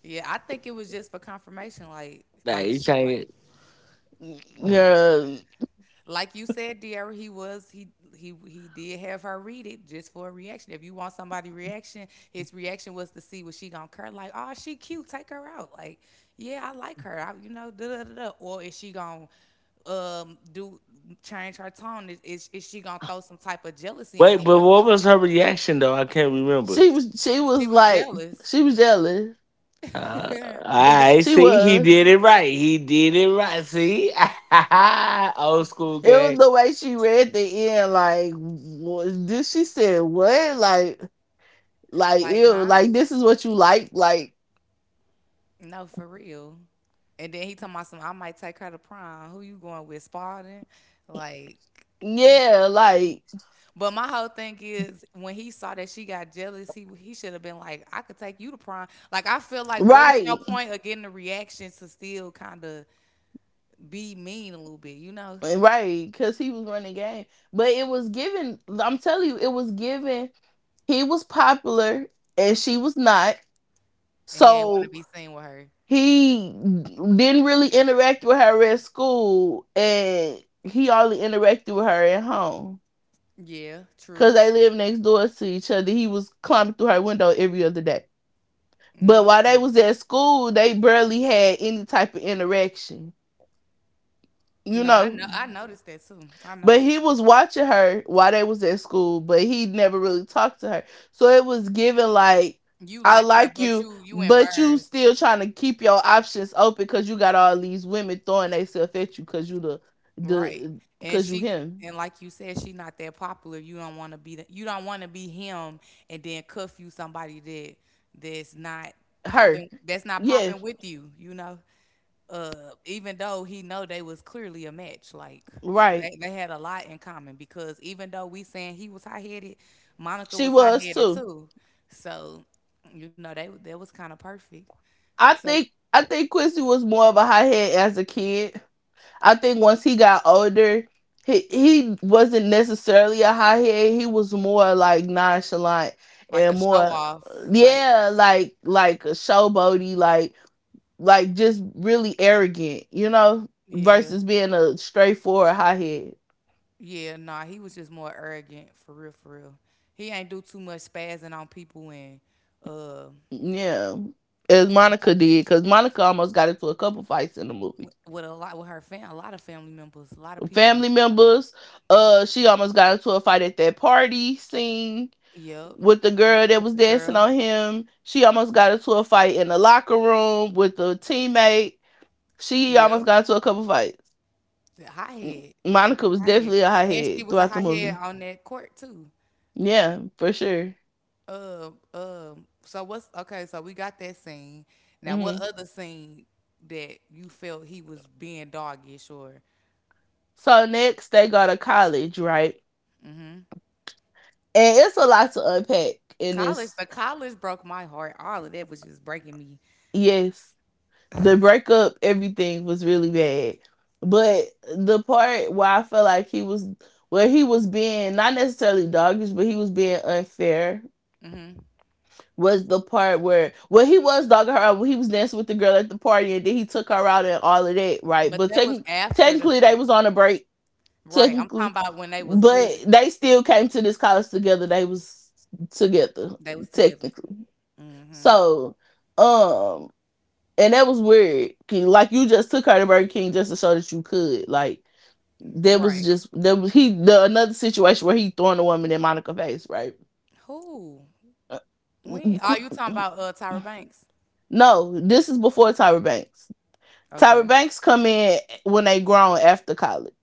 A: yeah. I think it was just for confirmation,
C: like
A: like,
C: he
A: sh-
C: trying.
B: Yeah.
A: like you said, Dear, he he did have her read it just for a reaction. If you want somebody reaction, his reaction was to see what she gonna care. Like, oh, she cute, take her out. Like, yeah, I like her. I, you know, da da da. Da. Or is she gonna do change her tone? Is is she gonna throw some type of jealousy in her?
C: Wait, but
A: Once
C: what was her reaction though? I can't remember.
B: She was
A: she was
B: like
A: jealous.
B: she was jealous.
C: Uh, I
B: She
C: see. He
B: was.
C: did it right. He did it right. See, old school
B: It was
C: game.
B: the way she read the end, like what did she said what? Like
A: Like,
B: ew,
A: huh?
B: like this is what you like
A: No, for real. And then he told me some I might take her to prom. Who you going with, Spalding? Like y-
B: yeah,
A: y-
B: like
A: but my whole thing is when he saw that she got jealous, he should have been like, I could take you to prom. Like I feel like what was your
B: right.
A: point of getting the reaction to still kinda be mean a little bit, you know?
B: Right, because he was running game. But it was given I'm telling you, it was given he was popular and she was not.
A: And he ain't wanna
B: So
A: be seen with her.
B: he didn't really interact with her at school and he only interacted with her at home
A: Yeah,
B: because
A: true.
B: they lived next door to each other. He was climbing through her window every other day. But
A: Mm.
B: while they was at school, they barely had any type of interaction, you
A: No, I
B: know?
A: know I noticed that too. I
B: But
A: noticed
B: he was watching her while they was at school, but he never really talked to her. So it was given like,
A: you
B: I
A: like her,
B: like
A: but
B: you,
A: you
B: but you
A: embarrassed.
B: still trying to keep your options open because you got all these women throwing themselves at you because you the
A: Right. And
B: because you
A: she
B: him
A: and like you said, she not that popular. You don't want to be the, you don't want to be him and then cuff you somebody that that's not
B: her
A: that's not
B: yeah
A: popping with you, you know. Even though he know they was clearly a match like
B: right
A: they had a lot in common because even though we saying he was high-headed, Monica
B: she
A: was
B: was
A: high-headed
B: too.
A: too. So, you know, they that was kind of perfect.
B: I
A: So
B: think I think Quincy was more of a hothead as a kid. I think once he got older, he wasn't necessarily a high head. He was more like nonchalant
A: like a
B: and
A: show
B: more,
A: off like
B: yeah, like a showboaty, like just really arrogant, you know,
A: yeah.
B: versus being a straightforward high head.
A: Yeah, nah, he was just more arrogant for real, for real. He ain't do too much spazzing on people and uh,
B: Yeah, as
A: stuff
B: Monica
A: like that.
B: did, because Monica almost got into a couple fights in the movie.
A: With a lot with her fam, a lot of family members, a lot of people.
B: Family members. She almost got into a fight at that party scene
A: Yep,
B: with the
A: yep.
B: girl that
A: With
B: was
A: the
B: dancing
A: girl,
B: on him. She almost got into a fight in the locker room with the teammate. She almost
A: yep.
B: got into a couple fights.
A: The hothead, she's
B: Monica was
A: a hothead,
B: definitely a
A: and she
B: hothead
A: was a
B: throughout the
A: hothead
B: movie.
A: on that court too.
B: Yeah, for sure.
A: So what's okay? So we got that scene. Now, what
B: Hmm.
A: other scene that you felt he was being doggish or?
B: So next they go to college, right?
A: Mm-hmm?
B: And it's a lot to unpack in
A: College,
B: this.
A: the college broke my heart. All of that was just breaking me.
B: Yes. The breakup, everything was really bad. But the part where I felt like he was, where he was being not necessarily doggish, but he was being unfair,
A: Hmm.
B: was the part where, well, he was dogging her out when he was dancing with the girl at the party, and then he took her out and all of that, right?
A: But
B: But
A: that was
B: techn
A: after the
B: technically, they
A: fact,
B: was on a break,
A: right? I'm talking
B: technically,
A: about when they was good.
B: but they still came to this college together. They was together,
A: They was together.
B: technically.
A: Hmm.
B: So, um and that was weird. Like you just took her to Burger King just to show that you could. Like that was
A: Right.
B: just that was he the another situation where he throwing the woman in Monica face, right?
A: Who?
B: Uh,
A: When? Are you talking
B: mm,
A: about Tyra Banks?
B: No, this is before Tyra Banks. Tyra
A: Okay.
B: Banks come in when they grown after college.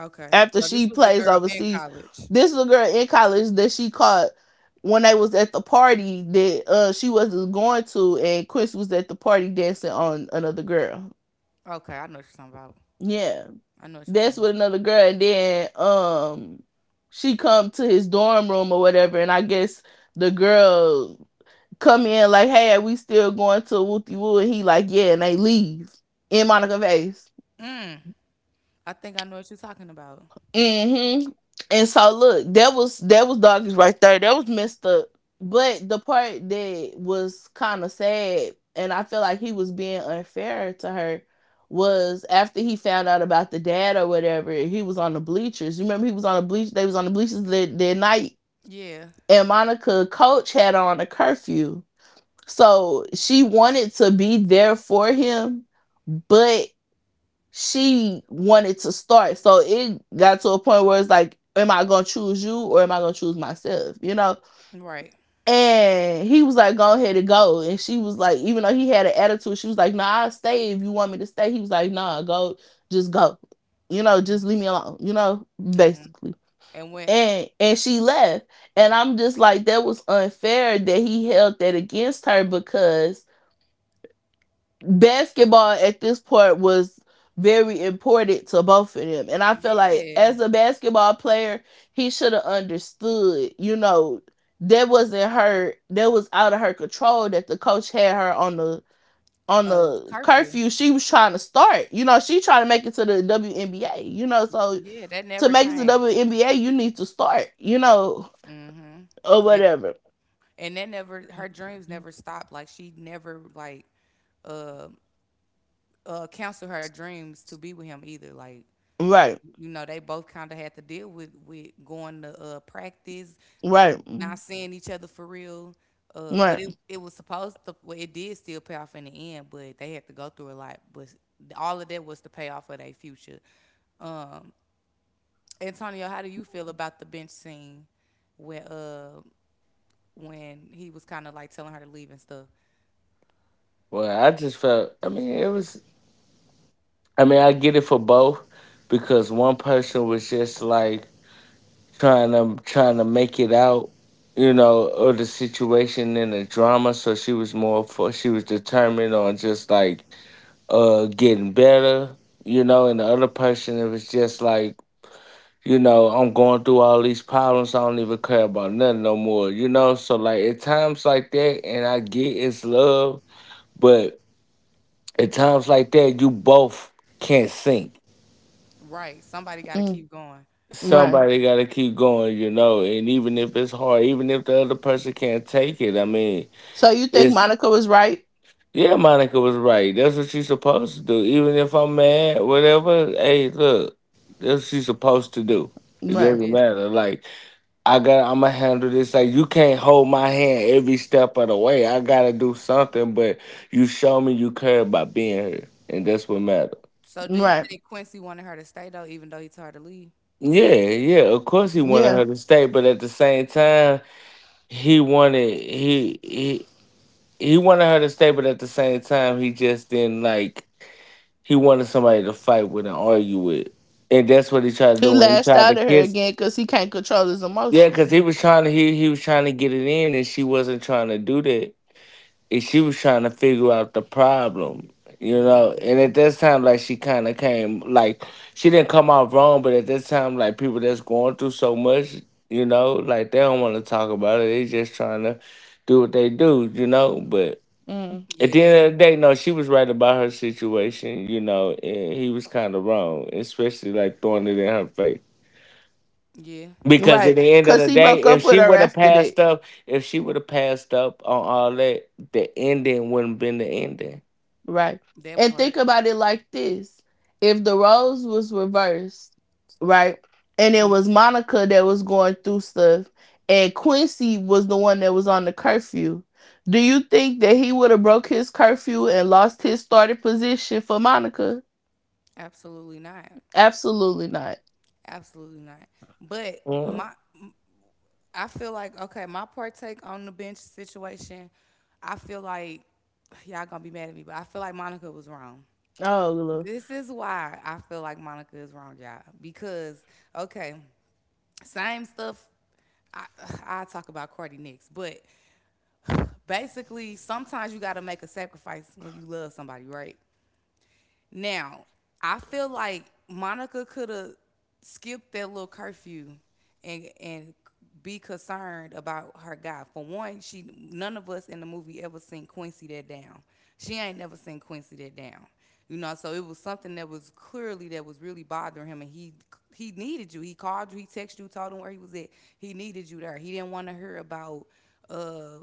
A: Okay.
B: After
A: So this
B: she
A: was the
B: plays
A: girl in
B: overseas,
A: college.
B: this is a girl in college that she caught when they was at the party that she was going to, and Chris was at the party dancing on another girl.
A: Okay, I know what you're talking about.
B: Yeah.
A: I know what you're
B: That's
A: talking about.
B: with another girl. And then she come to his dorm room or whatever, and I guess the girl come in like, hey, are we still going to Wooty Woo? And he like, yeah, and they leave in Monica Vase.
A: Mm, I think I know what you're talking about.
B: Mm-hmm. And so look, that was doggies right there. That was messed up. But the part that was kind of sad, and I feel like he was being unfair to her, was after he found out about the dad or whatever. He was on the bleachers. You remember he was on the bleach. They was on the bleachers that night,
A: Yeah.
B: and Monica coach had on a curfew, so she wanted to be there for him, but she wanted to start. So it got to a point where it's like, am I gonna choose you or am I gonna choose myself?
A: Right.
B: And he was like, go ahead and go. And she was like, even though he had an attitude, she was like, nah, I'll stay if you want me to stay. He was like, nah, go, just go. Just
A: Mm-hmm.
B: leave me alone,
A: Mm-hmm.
B: basically.
A: And when?
B: And she left. And I'm just like, that was unfair that he held that against her because basketball at this point was very important to both of them. And I feel like
A: Yeah.
B: as a basketball player, he should have understood, that wasn't her that was out of her control that the coach had her on the on the
A: Curfew.
B: curfew she was trying to start. You know, she trying to make it to the WNBA, you know, so
A: Yeah, that never
B: to make it to the
A: changed.
B: WNBA you need to start,
A: Mm-hmm.
B: or
A: And
B: whatever.
A: and that never her dreams never stopped. Like she never like uh canceled her dreams to be with him either. Like
B: Right.
A: you know, they both kinda had to deal with going to practice,
B: Right.
A: n-
B: mm,
A: not seeing each other for real. But
B: Right.
A: it was supposed to well, it did still pay off in the end, but they had to go through a lot. But all of that was to pay off for their future. Um Antonio, how do you feel about the bench scene? Where when he was kind of like telling her to leave and stuff.
C: Well, I just felt. I mean, it was. I mean, I get it for both because one person was just like trying to make it out, you know, of the situation and the drama. So she was more for. She was determined on just like getting better, you know. And the other person, it was just like, you know, I'm going through all these problems. I don't even care about nothing no more, you know? So, like, at times like that, and I get it's love, but at times like that, you both can't sink.
A: Right. Somebody got to
B: Mm,
A: keep going.
B: Right.
C: Somebody got to keep going, you know? And even if it's hard, even if the other person can't take it, I mean,
B: So you think
C: it's,
B: Monica was right?
C: yeah, Monica was right. That's what she's supposed to do. Even if I'm mad, whatever, hey, look, that's what she's supposed to do. It
A: She
B: Right.
C: doesn't
A: did. That.
C: matter. Like, I got, I'ma handle this. Like you can't hold my hand every step of the way. I gotta do something, but you show me you care about being here. And that's what matters.
A: So do you
B: Right.
A: think Quincy wanted her to stay though, even though he told her to leave?
C: Yeah, yeah. Of course he wanted
B: Yeah.
C: her to stay, but at the same time, he wanted he wanted her to stay, but at the same time, he just didn't like he wanted somebody to fight with and argue with. And that's what he tried to do
B: He
C: when he
B: lashed
C: tried to
B: out at her
C: kiss.
B: again because he can't control his
C: Yeah, because
B: emotion.
C: he was trying to, he was trying to get it in and she wasn't trying to do that. And she was trying to figure out the problem, you know.
A: Hmm.
C: And at this time, like she kind of came, like she didn't come out wrong, but at this time, like people that's going through so much, you know, like they don't want to talk about it. They just trying to do what they do, you know. But
B: Mm.
C: at the
A: Yeah.
C: end of the day, no, she was right about her situation, you know, and he was kind of wrong, especially like throwing it in her face.
A: Yeah.
C: Because at
B: Right.
C: the end of
B: Because
C: the
B: he
C: day,
B: broke
C: if
B: up with
C: she
B: her
C: would have
B: after
C: passed
B: that.
C: up, if she would have passed up on all that, the ending wouldn't have been the ending.
B: Right.
A: That
B: And think
A: part.
B: about it like this, if the roles was reversed, right? And it
A: Mm.
B: was Monica that was going through stuff, and Quincy was the one that was on the curfew. Do you think that he would have broke his curfew and lost his starting position for Monica?
A: Absolutely not.
B: Absolutely not.
A: Absolutely not. But
C: Mm,
A: my, I feel like okay, my partake on the bench situation. I feel like y'all gonna be mad at me, but I feel like Monica was wrong.
B: Oh, Lord.
A: This is why I feel like Monica is wrong, y'all. Because okay. Same stuff. I, I talk about Cardi next, but basically, sometimes you got to make a sacrifice when you love somebody, right? Now, I feel like Monica could have skipped that little curfew and be concerned about her guy. For one, she none of us in the movie ever seen Quincy that down. She ain't never seen Quincy that down. You know, so it was something that was clearly that was really bothering him, and he needed you. He called you, he texted you, told him where he was at. He needed you there. He didn't want to hear about uh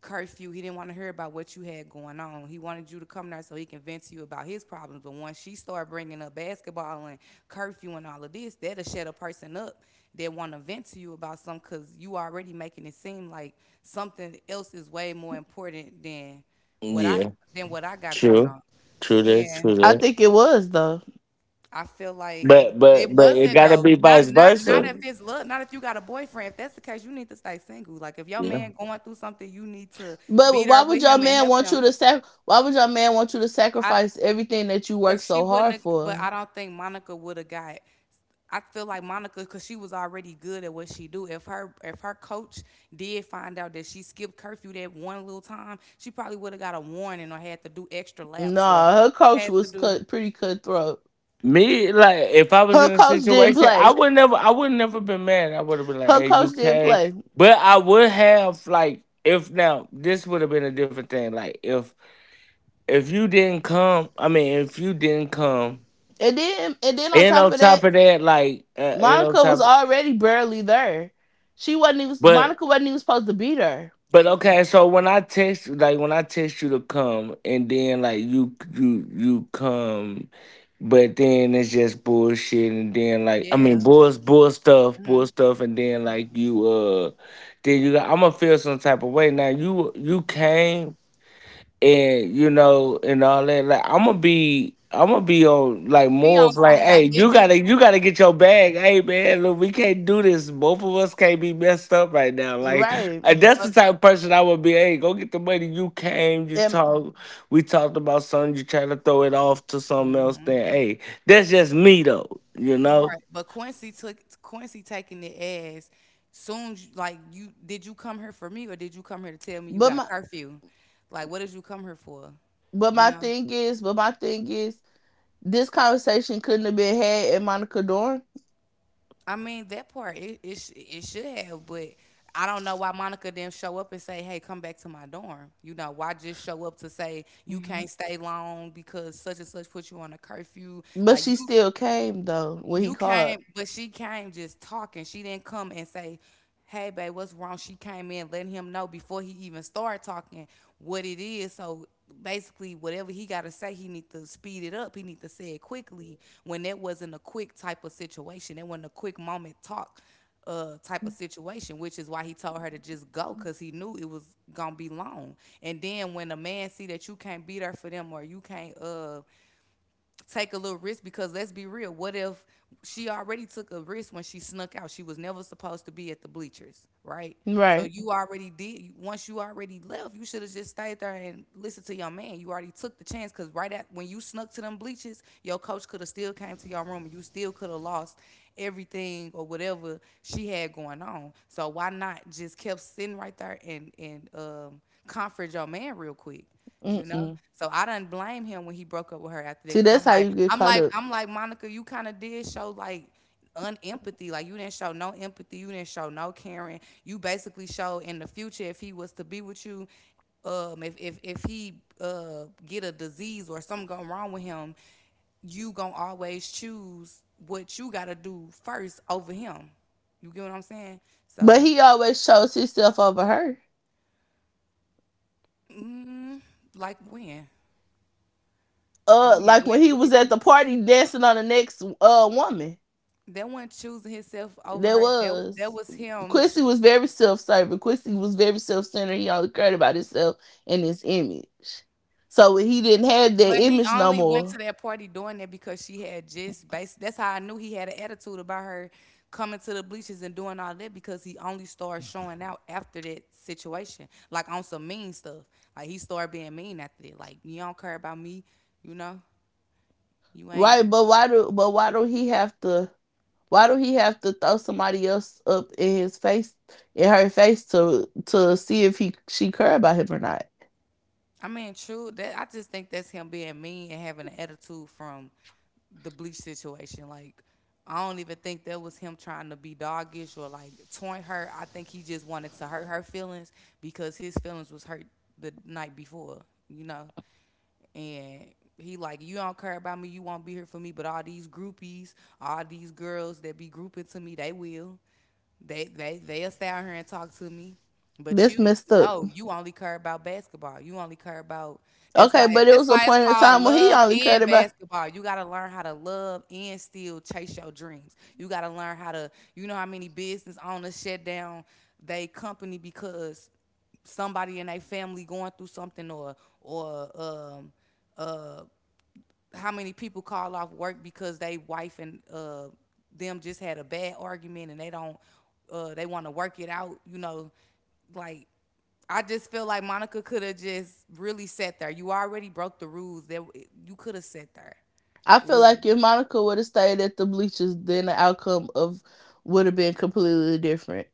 A: curfew. He didn't want to hear about what you had going on. He wanted you to come there so he can vent to you about his problems. But once she started bringing up basketball and curfew and all of this, that'll shut a person up that want to vent to you about something because you already making it seem like something else is way more important what I
C: yeah,
A: than what I got going
C: true,
A: on.
C: true
A: And
B: I
C: that.
B: think it was though.
A: I feel like
C: But
A: it
C: but it
A: wasn't
C: gotta
A: though.
C: be
A: Not
C: vice
A: not not
C: versa.
A: if it's love, not if you got a boyfriend. If that's the case, you need to stay single. Like if your
C: Yeah.
A: man going through something, you need to be
B: But
A: there
B: why would
A: with
B: your
A: him and
B: man
A: help
B: want
A: him.
B: you to sac? Why would your man want you to
A: I
B: sacrifice everything that you
A: but
B: work
A: she
B: so
A: wouldn't
B: hard
A: have, but
B: for?
A: I don't think Monica would have got I feel like Monica because she was already good at what she do. If her coach did find out that she skipped curfew that one little time, she probably would have got a warning or had to do extra laps or
B: Nah, her coach
A: had to
B: was
A: do
B: cut pretty cutthroat.
C: Me like if I was
B: Her
C: in a
B: coach didn't
C: situation,
B: play.
C: I would never been mad. I would have been like,
B: Her
C: "Hey, you
B: coach didn't
C: came,"
B: play.
C: but I would have like if now this would have been a different thing. Like if you didn't come, I mean, if you didn't come,
B: And then on
C: and
B: top
C: on
B: of
C: top
B: that,
C: of that, like
B: Monica was already barely there. She wasn't even
C: but
B: Monica wasn't even supposed to be there.
C: But okay,
A: exactly.
C: so when I text, like when I text you to come, and then like you come, but then it's just bullshit, and then like I mean
A: Yeah.
C: bull
A: Hmm.
C: bull stuff, and then like you then you got, I'm gonna feel some type of way. Now you came, and you know, and all that, like I'm gonna be on like
A: He
C: more
A: on
C: of like,
A: some
C: hey,
A: like, did you
C: you gotta get your bag. Hey man, look, we can't do this, both of us can't be messed up right now, like,
B: Right.
C: and that's
A: But
C: the type of person I would be. Hey, go get the money, you came, you
B: And
C: talk we talked about something, you try to throw it off to something else,
A: hmm.
C: then hey, that's just me though, you know.
A: Right. But Quincy took Quincy taking it as soon as you- like you did you come here for me or did you come here to tell me you
B: but
A: got
B: my
A: curfew? Like what did you come here for?
B: but
A: You
B: my
A: know?
B: thing is, but my thing is, this conversation couldn't have been had at Monica Dorn.
A: I mean that part it it, sh- it should have, but I don't know why Monica didn't show up and say, "Hey, come back to my dorm." You know, why just show up to say you can't stay long because such and such put you on a curfew?
B: But
A: Like
B: she
A: you
B: still came though when he
A: You
B: called.
A: came, but she came just talking. She didn't come and say, "Hey, babe, what's wrong?" She came in letting him know before he even started talking what it is. So basically, whatever he got to say, he need to speed it up. He need to say it quickly. When that wasn't a quick type of situation, that wasn't a quick moment talk type of situation, which is why he told her to just go because he knew it was gonna be long. And then when a man see that you can't be there for them or you can't take a little risk because let's be real. What if she already took a risk when she snuck out? She was never supposed to be at the bleachers, right? So
B: Right.
A: you already did. Once you already left, you should have just stayed there and listened to your man. You already took the chance because right at when you snuck to them bleachers, your coach could have still came to your room and you still could have lost everything or whatever she had going on. So why not just kept sitting right there and comfort your man real quick? You know?
B: Mm-mm.
A: So I didn't blame him when he broke up with her after that.
B: See,
A: Because 'cause
B: that's
A: I'm
B: how
A: like
B: you get
A: I'm
B: caught
A: like
B: up.
A: I'm like, "Monica, you kinda did show, like, unempathy. Like, you didn't show no empathy. You didn't show no caring. You basically showed in the future if he was to be with you, if he, get a disease or something go wrong with him, you gonna always choose what you gotta do first over him." You get what I'm saying?
B: But
A: So,
B: he always chose himself over her.
A: mm, like when? When? When
B: Like when he
A: do we
B: was at the party dancing on the next woman.
A: That wasn't choosing himself over
B: There
A: her. That
B: was
A: was him.
B: Quincy was very self serving. Quincy was very self centered. He only cared about himself and his image. So he didn't have that
A: But he
B: image no
A: only went
B: more,
A: to that party doing that because she had just bas That's how I knew he had an attitude about her coming to the bleachers and doing all that because he only started showing out after that situation, like on some mean stuff. Like he started being mean after that. Like you don't care about me, you know. You ain't.
B: right?
A: You,
B: But why don't he have to? Why do he have to throw somebody else up in his face, in her face, to see if he she cared about him or not?
A: I mean, true. That I just think that's him being mean and having an attitude from the bleach situation. Like, I don't even think that was him trying to be doggish or like taunt her. I think he just wanted to hurt her feelings because his feelings was hurt the night before, you know. And he like, you don't care about me, you won't be here for me. But all these groupies, all these girls that be grouping to me, they will. They'll stay out here and talk to me, but
B: That's
A: you
B: messed up.
A: no, you only care about basketball. You only care about
B: Okay, but it
A: that's
B: was a
A: why it's
B: point in
A: called
B: time where he
A: love
B: only
A: and
B: cared about.
A: basketball. You gotta learn how to love and still chase your dreams. You gotta learn how to you know how many business owners shut down they company because somebody in their family going through something or uh how many people call off work because they wife and them just had a bad argument and they don't they want to work it out, you know, like I just feel like Monica could have just really sat there. You already broke the rules that you could have sat there
B: I feel
A: literally.
B: like if Monica would have stayed at the bleachers, then the outcome of would have been completely different.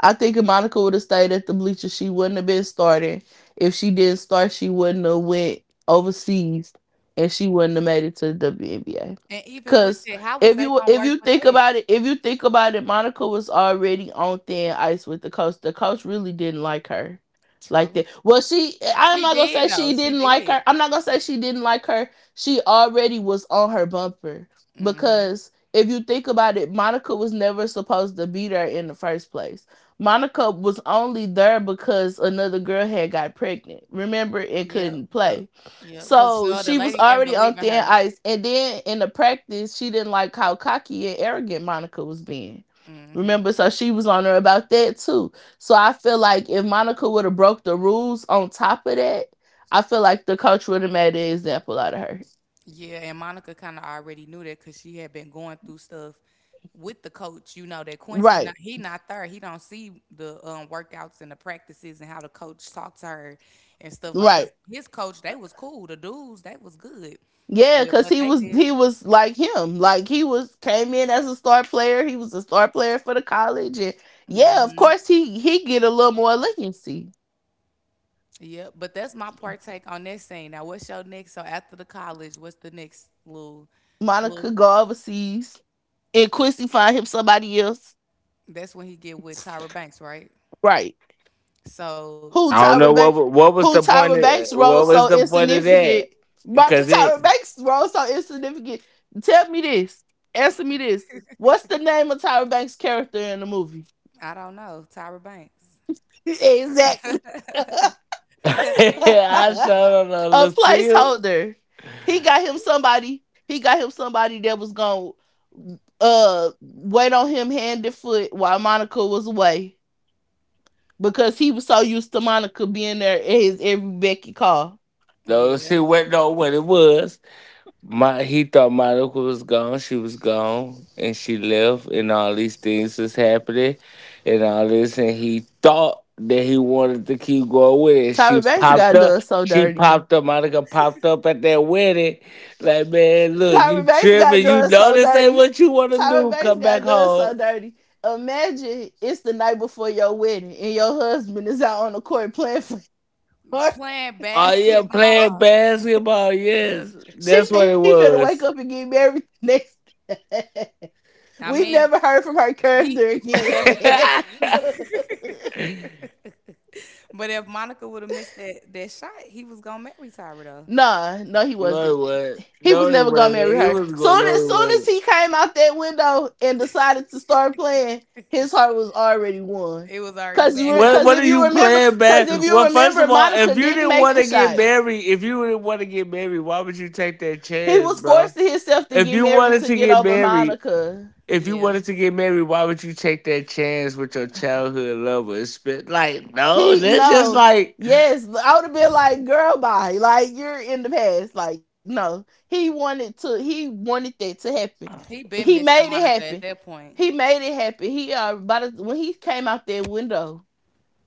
B: I think if Monica would have stayed at the bleachers, she wouldn't have been starting. If she didn't start, she wouldn't have went overseas, and she wouldn't have made it to the WNBA.
A: And even with
B: Cause
A: it, how was they gonna
B: if
A: work
B: you
A: with
B: think
A: that?
B: about it, if you think about it, Monica was already on thin ice with the coach. The coach really didn't like her like
A: True.
B: that. Well, she I'm
A: She
B: not gonna say
A: did, though.
B: she
A: She
B: didn't like
A: did.
B: her. I'm not gonna say she didn't like her. She already was on her bumper
A: Hmm.
B: because if you think about it, Monica was never supposed to be there in the first place. Monica was only there because another girl had got pregnant. Remember, and
A: Yep.
B: couldn't
A: Yep.
B: play.
A: Yep, because
B: So
A: the
B: she was
A: lady didn't
B: already
A: believe
B: on
A: in
B: thin
A: her.
B: ice. And then in the practice, she didn't like how cocky and arrogant Monica was being.
A: Mhm.
B: Remember, so she was on her about that too. So I feel like if Monica would have broke the rules on top of that, I feel like the coach would have made an example out of her.
A: Yeah, and Monica kind of already knew that because she had been going through stuff with the coach. You know that Quincy
B: Right,
A: not he not there. He don't see the workouts and the practices and how the coach talked to her and stuff like.
B: right.
A: Cause his coach they was cool. The dudes they was good
B: Yeah,
A: with
B: cause
A: what
B: he
A: they
B: was
A: did.
B: he was like him. Like he was came in as a star player. He was a star player for the college, and yeah, of
A: Hmm.
B: course he get a little more legacy.
A: Yeah, but that's my part take on that scene. Now, what's your next? So after the college, what's the next little,
B: Monica
A: little?
B: go overseas, and Quincy find him somebody else.
A: That's when he get with Tyra Banks, right?
B: Right?
A: So
B: Who
C: I
A: how?
C: don't know
B: Tyra Banks?
C: what was
B: Who
C: the point
B: Tyra
C: of,
B: Banks' role
C: what was
B: so
C: the point of that
B: insignificant? But
C: because it
B: Tyra Banks' role so insignificant. Tell me this. Answer me this. What's the name of Tyra Banks' character in the movie?
A: I don't know Tyra Banks.
B: exactly.
C: I
B: a
C: showed on Lucille.
B: placeholder. He got him somebody. He got him somebody that was gonna wait on him hand and foot while Monica was away because he was so used to Monica being there at his every Becky call.
C: No,
A: Yeah,
C: she went know what it was. My he thought my uncle was gone. She was gone, and she left, and all these things was happening, and all this, and he thought that he wanted to keep going with it. She
B: Tyra Banks
C: popped
B: got
C: up.
B: done so
C: She
B: dirty.
C: popped up. Monica popped up at that wedding. Like man, look, you
B: Tyra Banks got
C: tripping? You
B: done
C: know
B: so
C: this ain't
B: dirty.
C: what you want to
B: Tyra
C: do.
B: Banks
C: Come back
B: got done
C: home.
B: so dirty. Imagine it's the night before your wedding and your husband is out on the court playing for
A: playing
B: you.
C: Oh yeah, playing
A: basketball.
C: basketball. Yes,
B: She
C: that's
B: thinking
C: what it
B: she finna wake
C: was.
B: up and get married next.
A: I
B: we
A: mean,
B: never heard from her
A: he.
B: character
A: But if
B: again.
A: but if Monica would have missed that shot, he was gonna marry Tyra though.
B: nah, no, he
C: No,
B: wasn't.
C: it wasn't.
B: He was never gonna marry
C: It
B: her.
C: was going.
B: Soon
C: No,
B: as
C: it
B: soon as
C: wasn't.
B: he came out that window and decided to start playing, his heart was already won.
A: It was already
B: Cause,
A: back
B: re-
A: high.
B: cause
C: What are
B: if you
C: you
B: remember,
C: playing,
B: cause if
C: man?
B: you
C: Well, first
B: remember,
C: of all,
B: Monica
C: if you
B: didn't
C: didn't
B: make
C: want
B: the
C: to get
B: shot.
C: married, if you didn't want to get married, why would you take that
B: He
C: chance,
B: was
C: bro?
B: forcing himself to
C: If
B: get
C: you
B: married
C: wanted
B: to
C: to
B: get
C: get
B: over
C: married,
B: Monica.
C: if you
A: Yeah,
C: wanted to get married, why would you take that chance with your childhood lover? It's been, like, no,
B: He
C: that's just
B: no.
C: like
B: Yes, I would have been like, girl, bye. Like you're in the past. Like, no. He wanted that to happen.
A: he
B: He
A: been
B: made
A: missing
B: it
A: Monica
B: happen.
A: at that point.
B: He made it happen. He by the when he came out that window,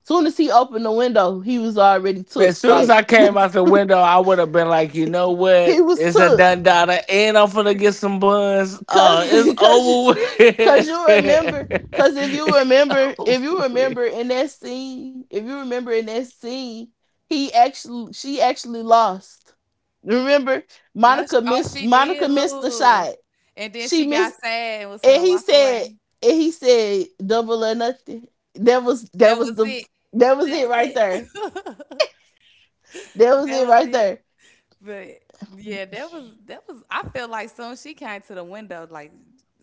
B: soon as he opened the window, he was already took.
C: as soon as
B: Like
C: I came out the window, I would have been like, you know
B: he
C: what?
B: was
C: It's a
B: took.
C: done daughter, and I'm finna get some buns. Oh,
B: Cause
A: Yeah.
C: it's
B: cause
C: over
B: Cause
C: with.
B: you remember, cause
C: it's
B: if
C: over
B: you
C: with.
B: remember in that scene, if you remember in that scene, she actually lost. Remember,
A: No, she, oh, she
B: Monica
A: did
B: missed the
A: lose,
B: shot.
A: and then
B: She
A: she got
B: missed,
A: sad and was
B: and
A: gonna
B: he
A: walk
B: said,
A: away.
B: double or nothing.
A: That
B: That was
A: was
B: the
A: it.
B: that was
A: That
B: it
A: was
B: right
A: it.
B: there. That was
A: That
B: it
A: was
B: right
A: it.
B: there.
A: But yeah, that was that was. I feel like soon she came to the window, like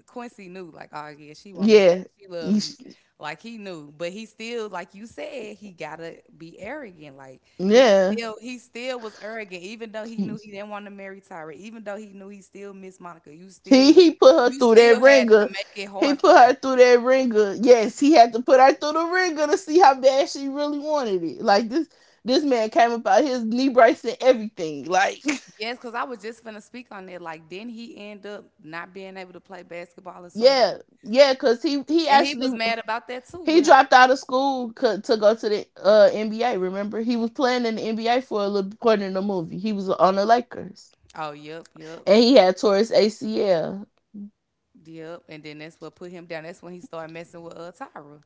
A: Quincy knew, like, oh yeah, she want me back.
B: Yeah,
A: She love
B: You sh-
A: me, like he knew. But he still, like you said, he gotta be arrogant. Like
B: yeah.
A: he still was arrogant, even though he knew he didn't want to marry Tyra, even though he knew he still missed Monica.
B: He put her
A: You
B: through that
A: still had to
B: ringer.
A: make it
B: He
A: hard for
B: put her
A: her.
B: through that ringer. Yes, he had to put her through the ringer to see how bad she really wanted it. Like this man came about his knee brace and everything. Like
A: Yes, because I was just finna speak on that. Like, didn't he end up not being able to play basketball or something?
B: yeah, yeah, cause
A: And he was mad about that too
B: he
A: with her.
B: dropped out of school to go to the NBA. Remember, he was playing in the NBA for a little part in the movie. He was on the Lakers
A: Oh, yep, yep,
B: and he had tore his ACL.
A: yep. And then that's what put him down. That's when he started messing with Tyra.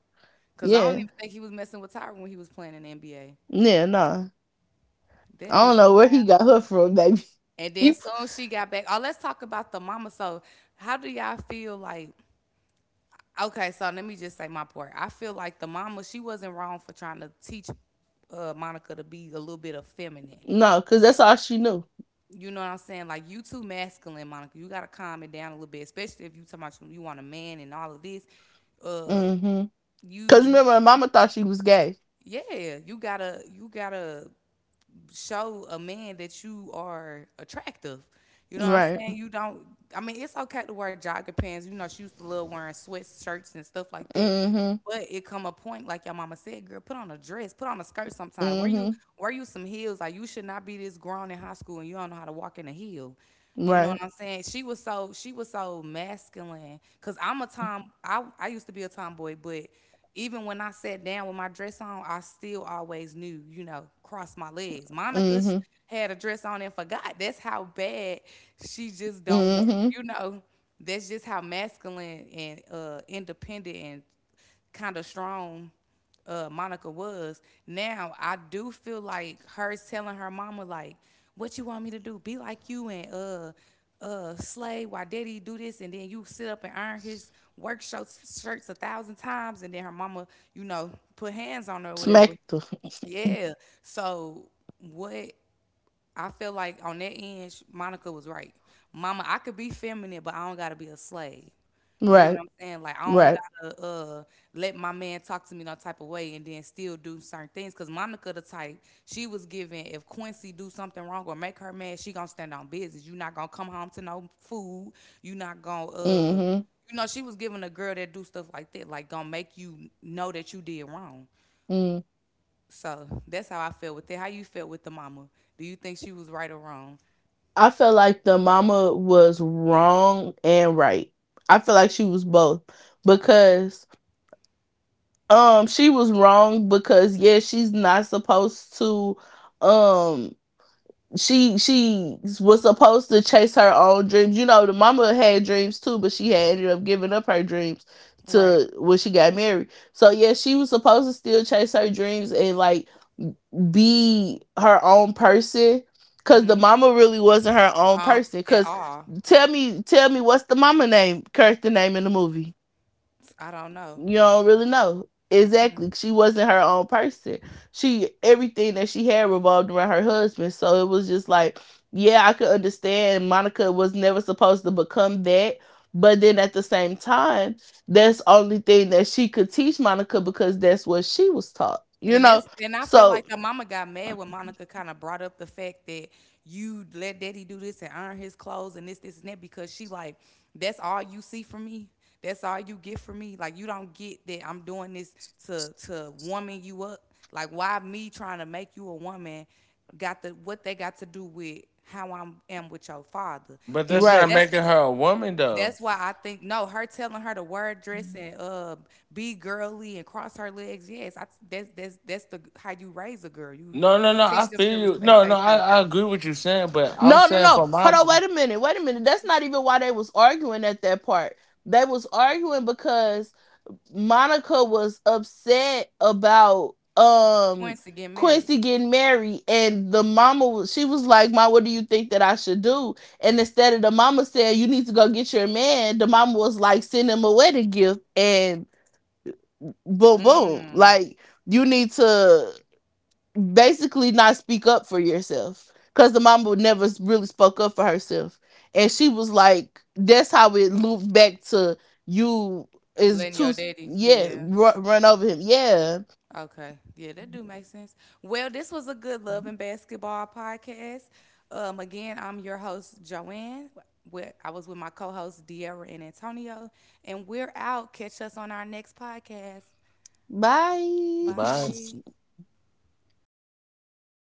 A: Cause I don't
B: Yeah,
A: even think he was messing with Tyra when he was playing in the NBA.
B: yeah, nah.
A: That
B: I don't
A: is.
B: know where he got her from, baby.
A: And then
B: He
A: soon she got back. Oh, let's talk about the mama. So, how do y'all feel like? Okay, so let me just say my part. I feel like the mama, she wasn't wrong for trying to teach Monica to be a little bit of feminine.
B: no, because that's all she knew.
A: You know what I'm saying? Like you too masculine, Monica. You gotta calm it down a little bit, especially if you talking about you want a man and all of this. Uh,
B: Mm-hmm. Because
A: you
B: remember, Mama thought she was gay.
A: yeah, you gotta show a man that you are attractive. You know what I'm
B: Right.
A: saying? You don't. I mean, it's okay to wear jogger pants. You know, she used to love wearing sweatshirts and stuff like that.
B: Mm-hmm.
A: But it come a point, like your mama said, girl, put on a dress, put on a skirt. Sometimes
B: Mm-hmm.
A: wear you some heels. Like you should not be this grown in high school and you don't know how to walk in a heel. You know
B: Right.
A: what I'm saying? She was so masculine. Cause I'm a tom. I used to be a tomboy, but even when I sat down with my dress on, I still always knew, you know, cross my legs. Monica
B: Mm-hmm.
A: had a dress on and forgot. That's how bad she just don't work.
B: Mm-hmm.
A: You know, that's just how masculine and independent and kind of strong, Monica was. Now I do feel like her telling her mama like, "What you want me to do? Be like you and slay while daddy do this and then you sit up and iron his shirts a thousand times," and then her mama, you know, put hands on her or whatever.
B: Smacked her.
A: Yeah. So what, I feel like on that end, Monica was right. Mama, I could be feminine, but I don't gotta be a slave. You get what
B: Right.
A: I'm saying? Like I don't
B: Right.
A: gotta let my man talk to me no type of way and then still do certain things. Cause Monica the type, she was giving if Quincy do something wrong or make her mad, she gonna stand on business. You not gonna come home to no food. You not gonna
B: Mm-hmm.
A: you know, she was giving a girl that do stuff like that, like gonna make you know that you did wrong.
B: Mm.
A: So that's how I felt with it. How you felt with the mama? Do you think she was right or wrong?
B: I felt like the mama was wrong and right. I feel like she was both
A: Okay.
B: because she was wrong because yeah she's not supposed to um she was supposed to chase her own dreams. You know, the mama had dreams too, but she had ended up giving up her dreams
A: Right.
B: to when she got married. So yeah, she was supposed to still chase her dreams and like be her own person. Cause the
A: Mm-hmm.
B: mama really wasn't her own
A: Um,
B: person.
A: at
B: Cause
A: all.
B: tell me what's the mama name, Kurt the name in the movie.
A: I don't know.
B: You don't really know. Exactly. She wasn't her own person. She everything that she had revolved around her husband. So it was just like, yeah, I could understand Monica was never supposed to become that. But then at the same time, that's the only thing that she could teach Monica because that's what she was taught. You
A: And
B: know?
A: this, and I feel
B: So
A: like the mama got mad when Monica kind of brought up the fact that you let daddy do this and iron his clothes and this, and that because she like, that's all you see from me. That's all you get from me. Like you don't get that I'm doing this to woman you up. Like why me trying to make you a woman got the what they got to do with how I am with your father.
C: But
A: And
C: that's
B: right.
C: not making her a woman, though.
A: that's why I think no, her telling her to wear a dress and be girly and cross her legs. Yes, I, that's the how you raise a girl.
C: No, no,
A: You
C: no. I
A: teach them
C: feel
A: to
C: you.
A: respect
C: No, no. I,
A: themselves.
C: I agree with you saying, but I'm
B: No, no,
C: saying
B: no.
C: for my
B: Hold on, wait a minute. Wait a minute. That's not even why they was arguing at that part. They was arguing because Monica was upset about
A: Quince to get married.
B: Quincy getting married and the mama she was like, "Ma, what do you think that I should do?" And instead of the mama saying, "You need to go get your man," the mama was like, "Send him a wedding gift." And boom boom,
A: Mm.
B: like you need to basically not speak up for yourself because the mama never really spoke up for herself and she was like that's how it looped back to you is
A: Letting
B: too
A: your daddy.
B: yeah
A: Yeah.
B: run, run over him yeah
A: Okay. Yeah, that do make sense. Well, this was a good love and basketball podcast. Again, I'm your host Joanne. With, I was with my co-hosts De'Ara and Antonio, and we're out. Catch us on our next podcast.
B: bye
C: bye.
A: Bye.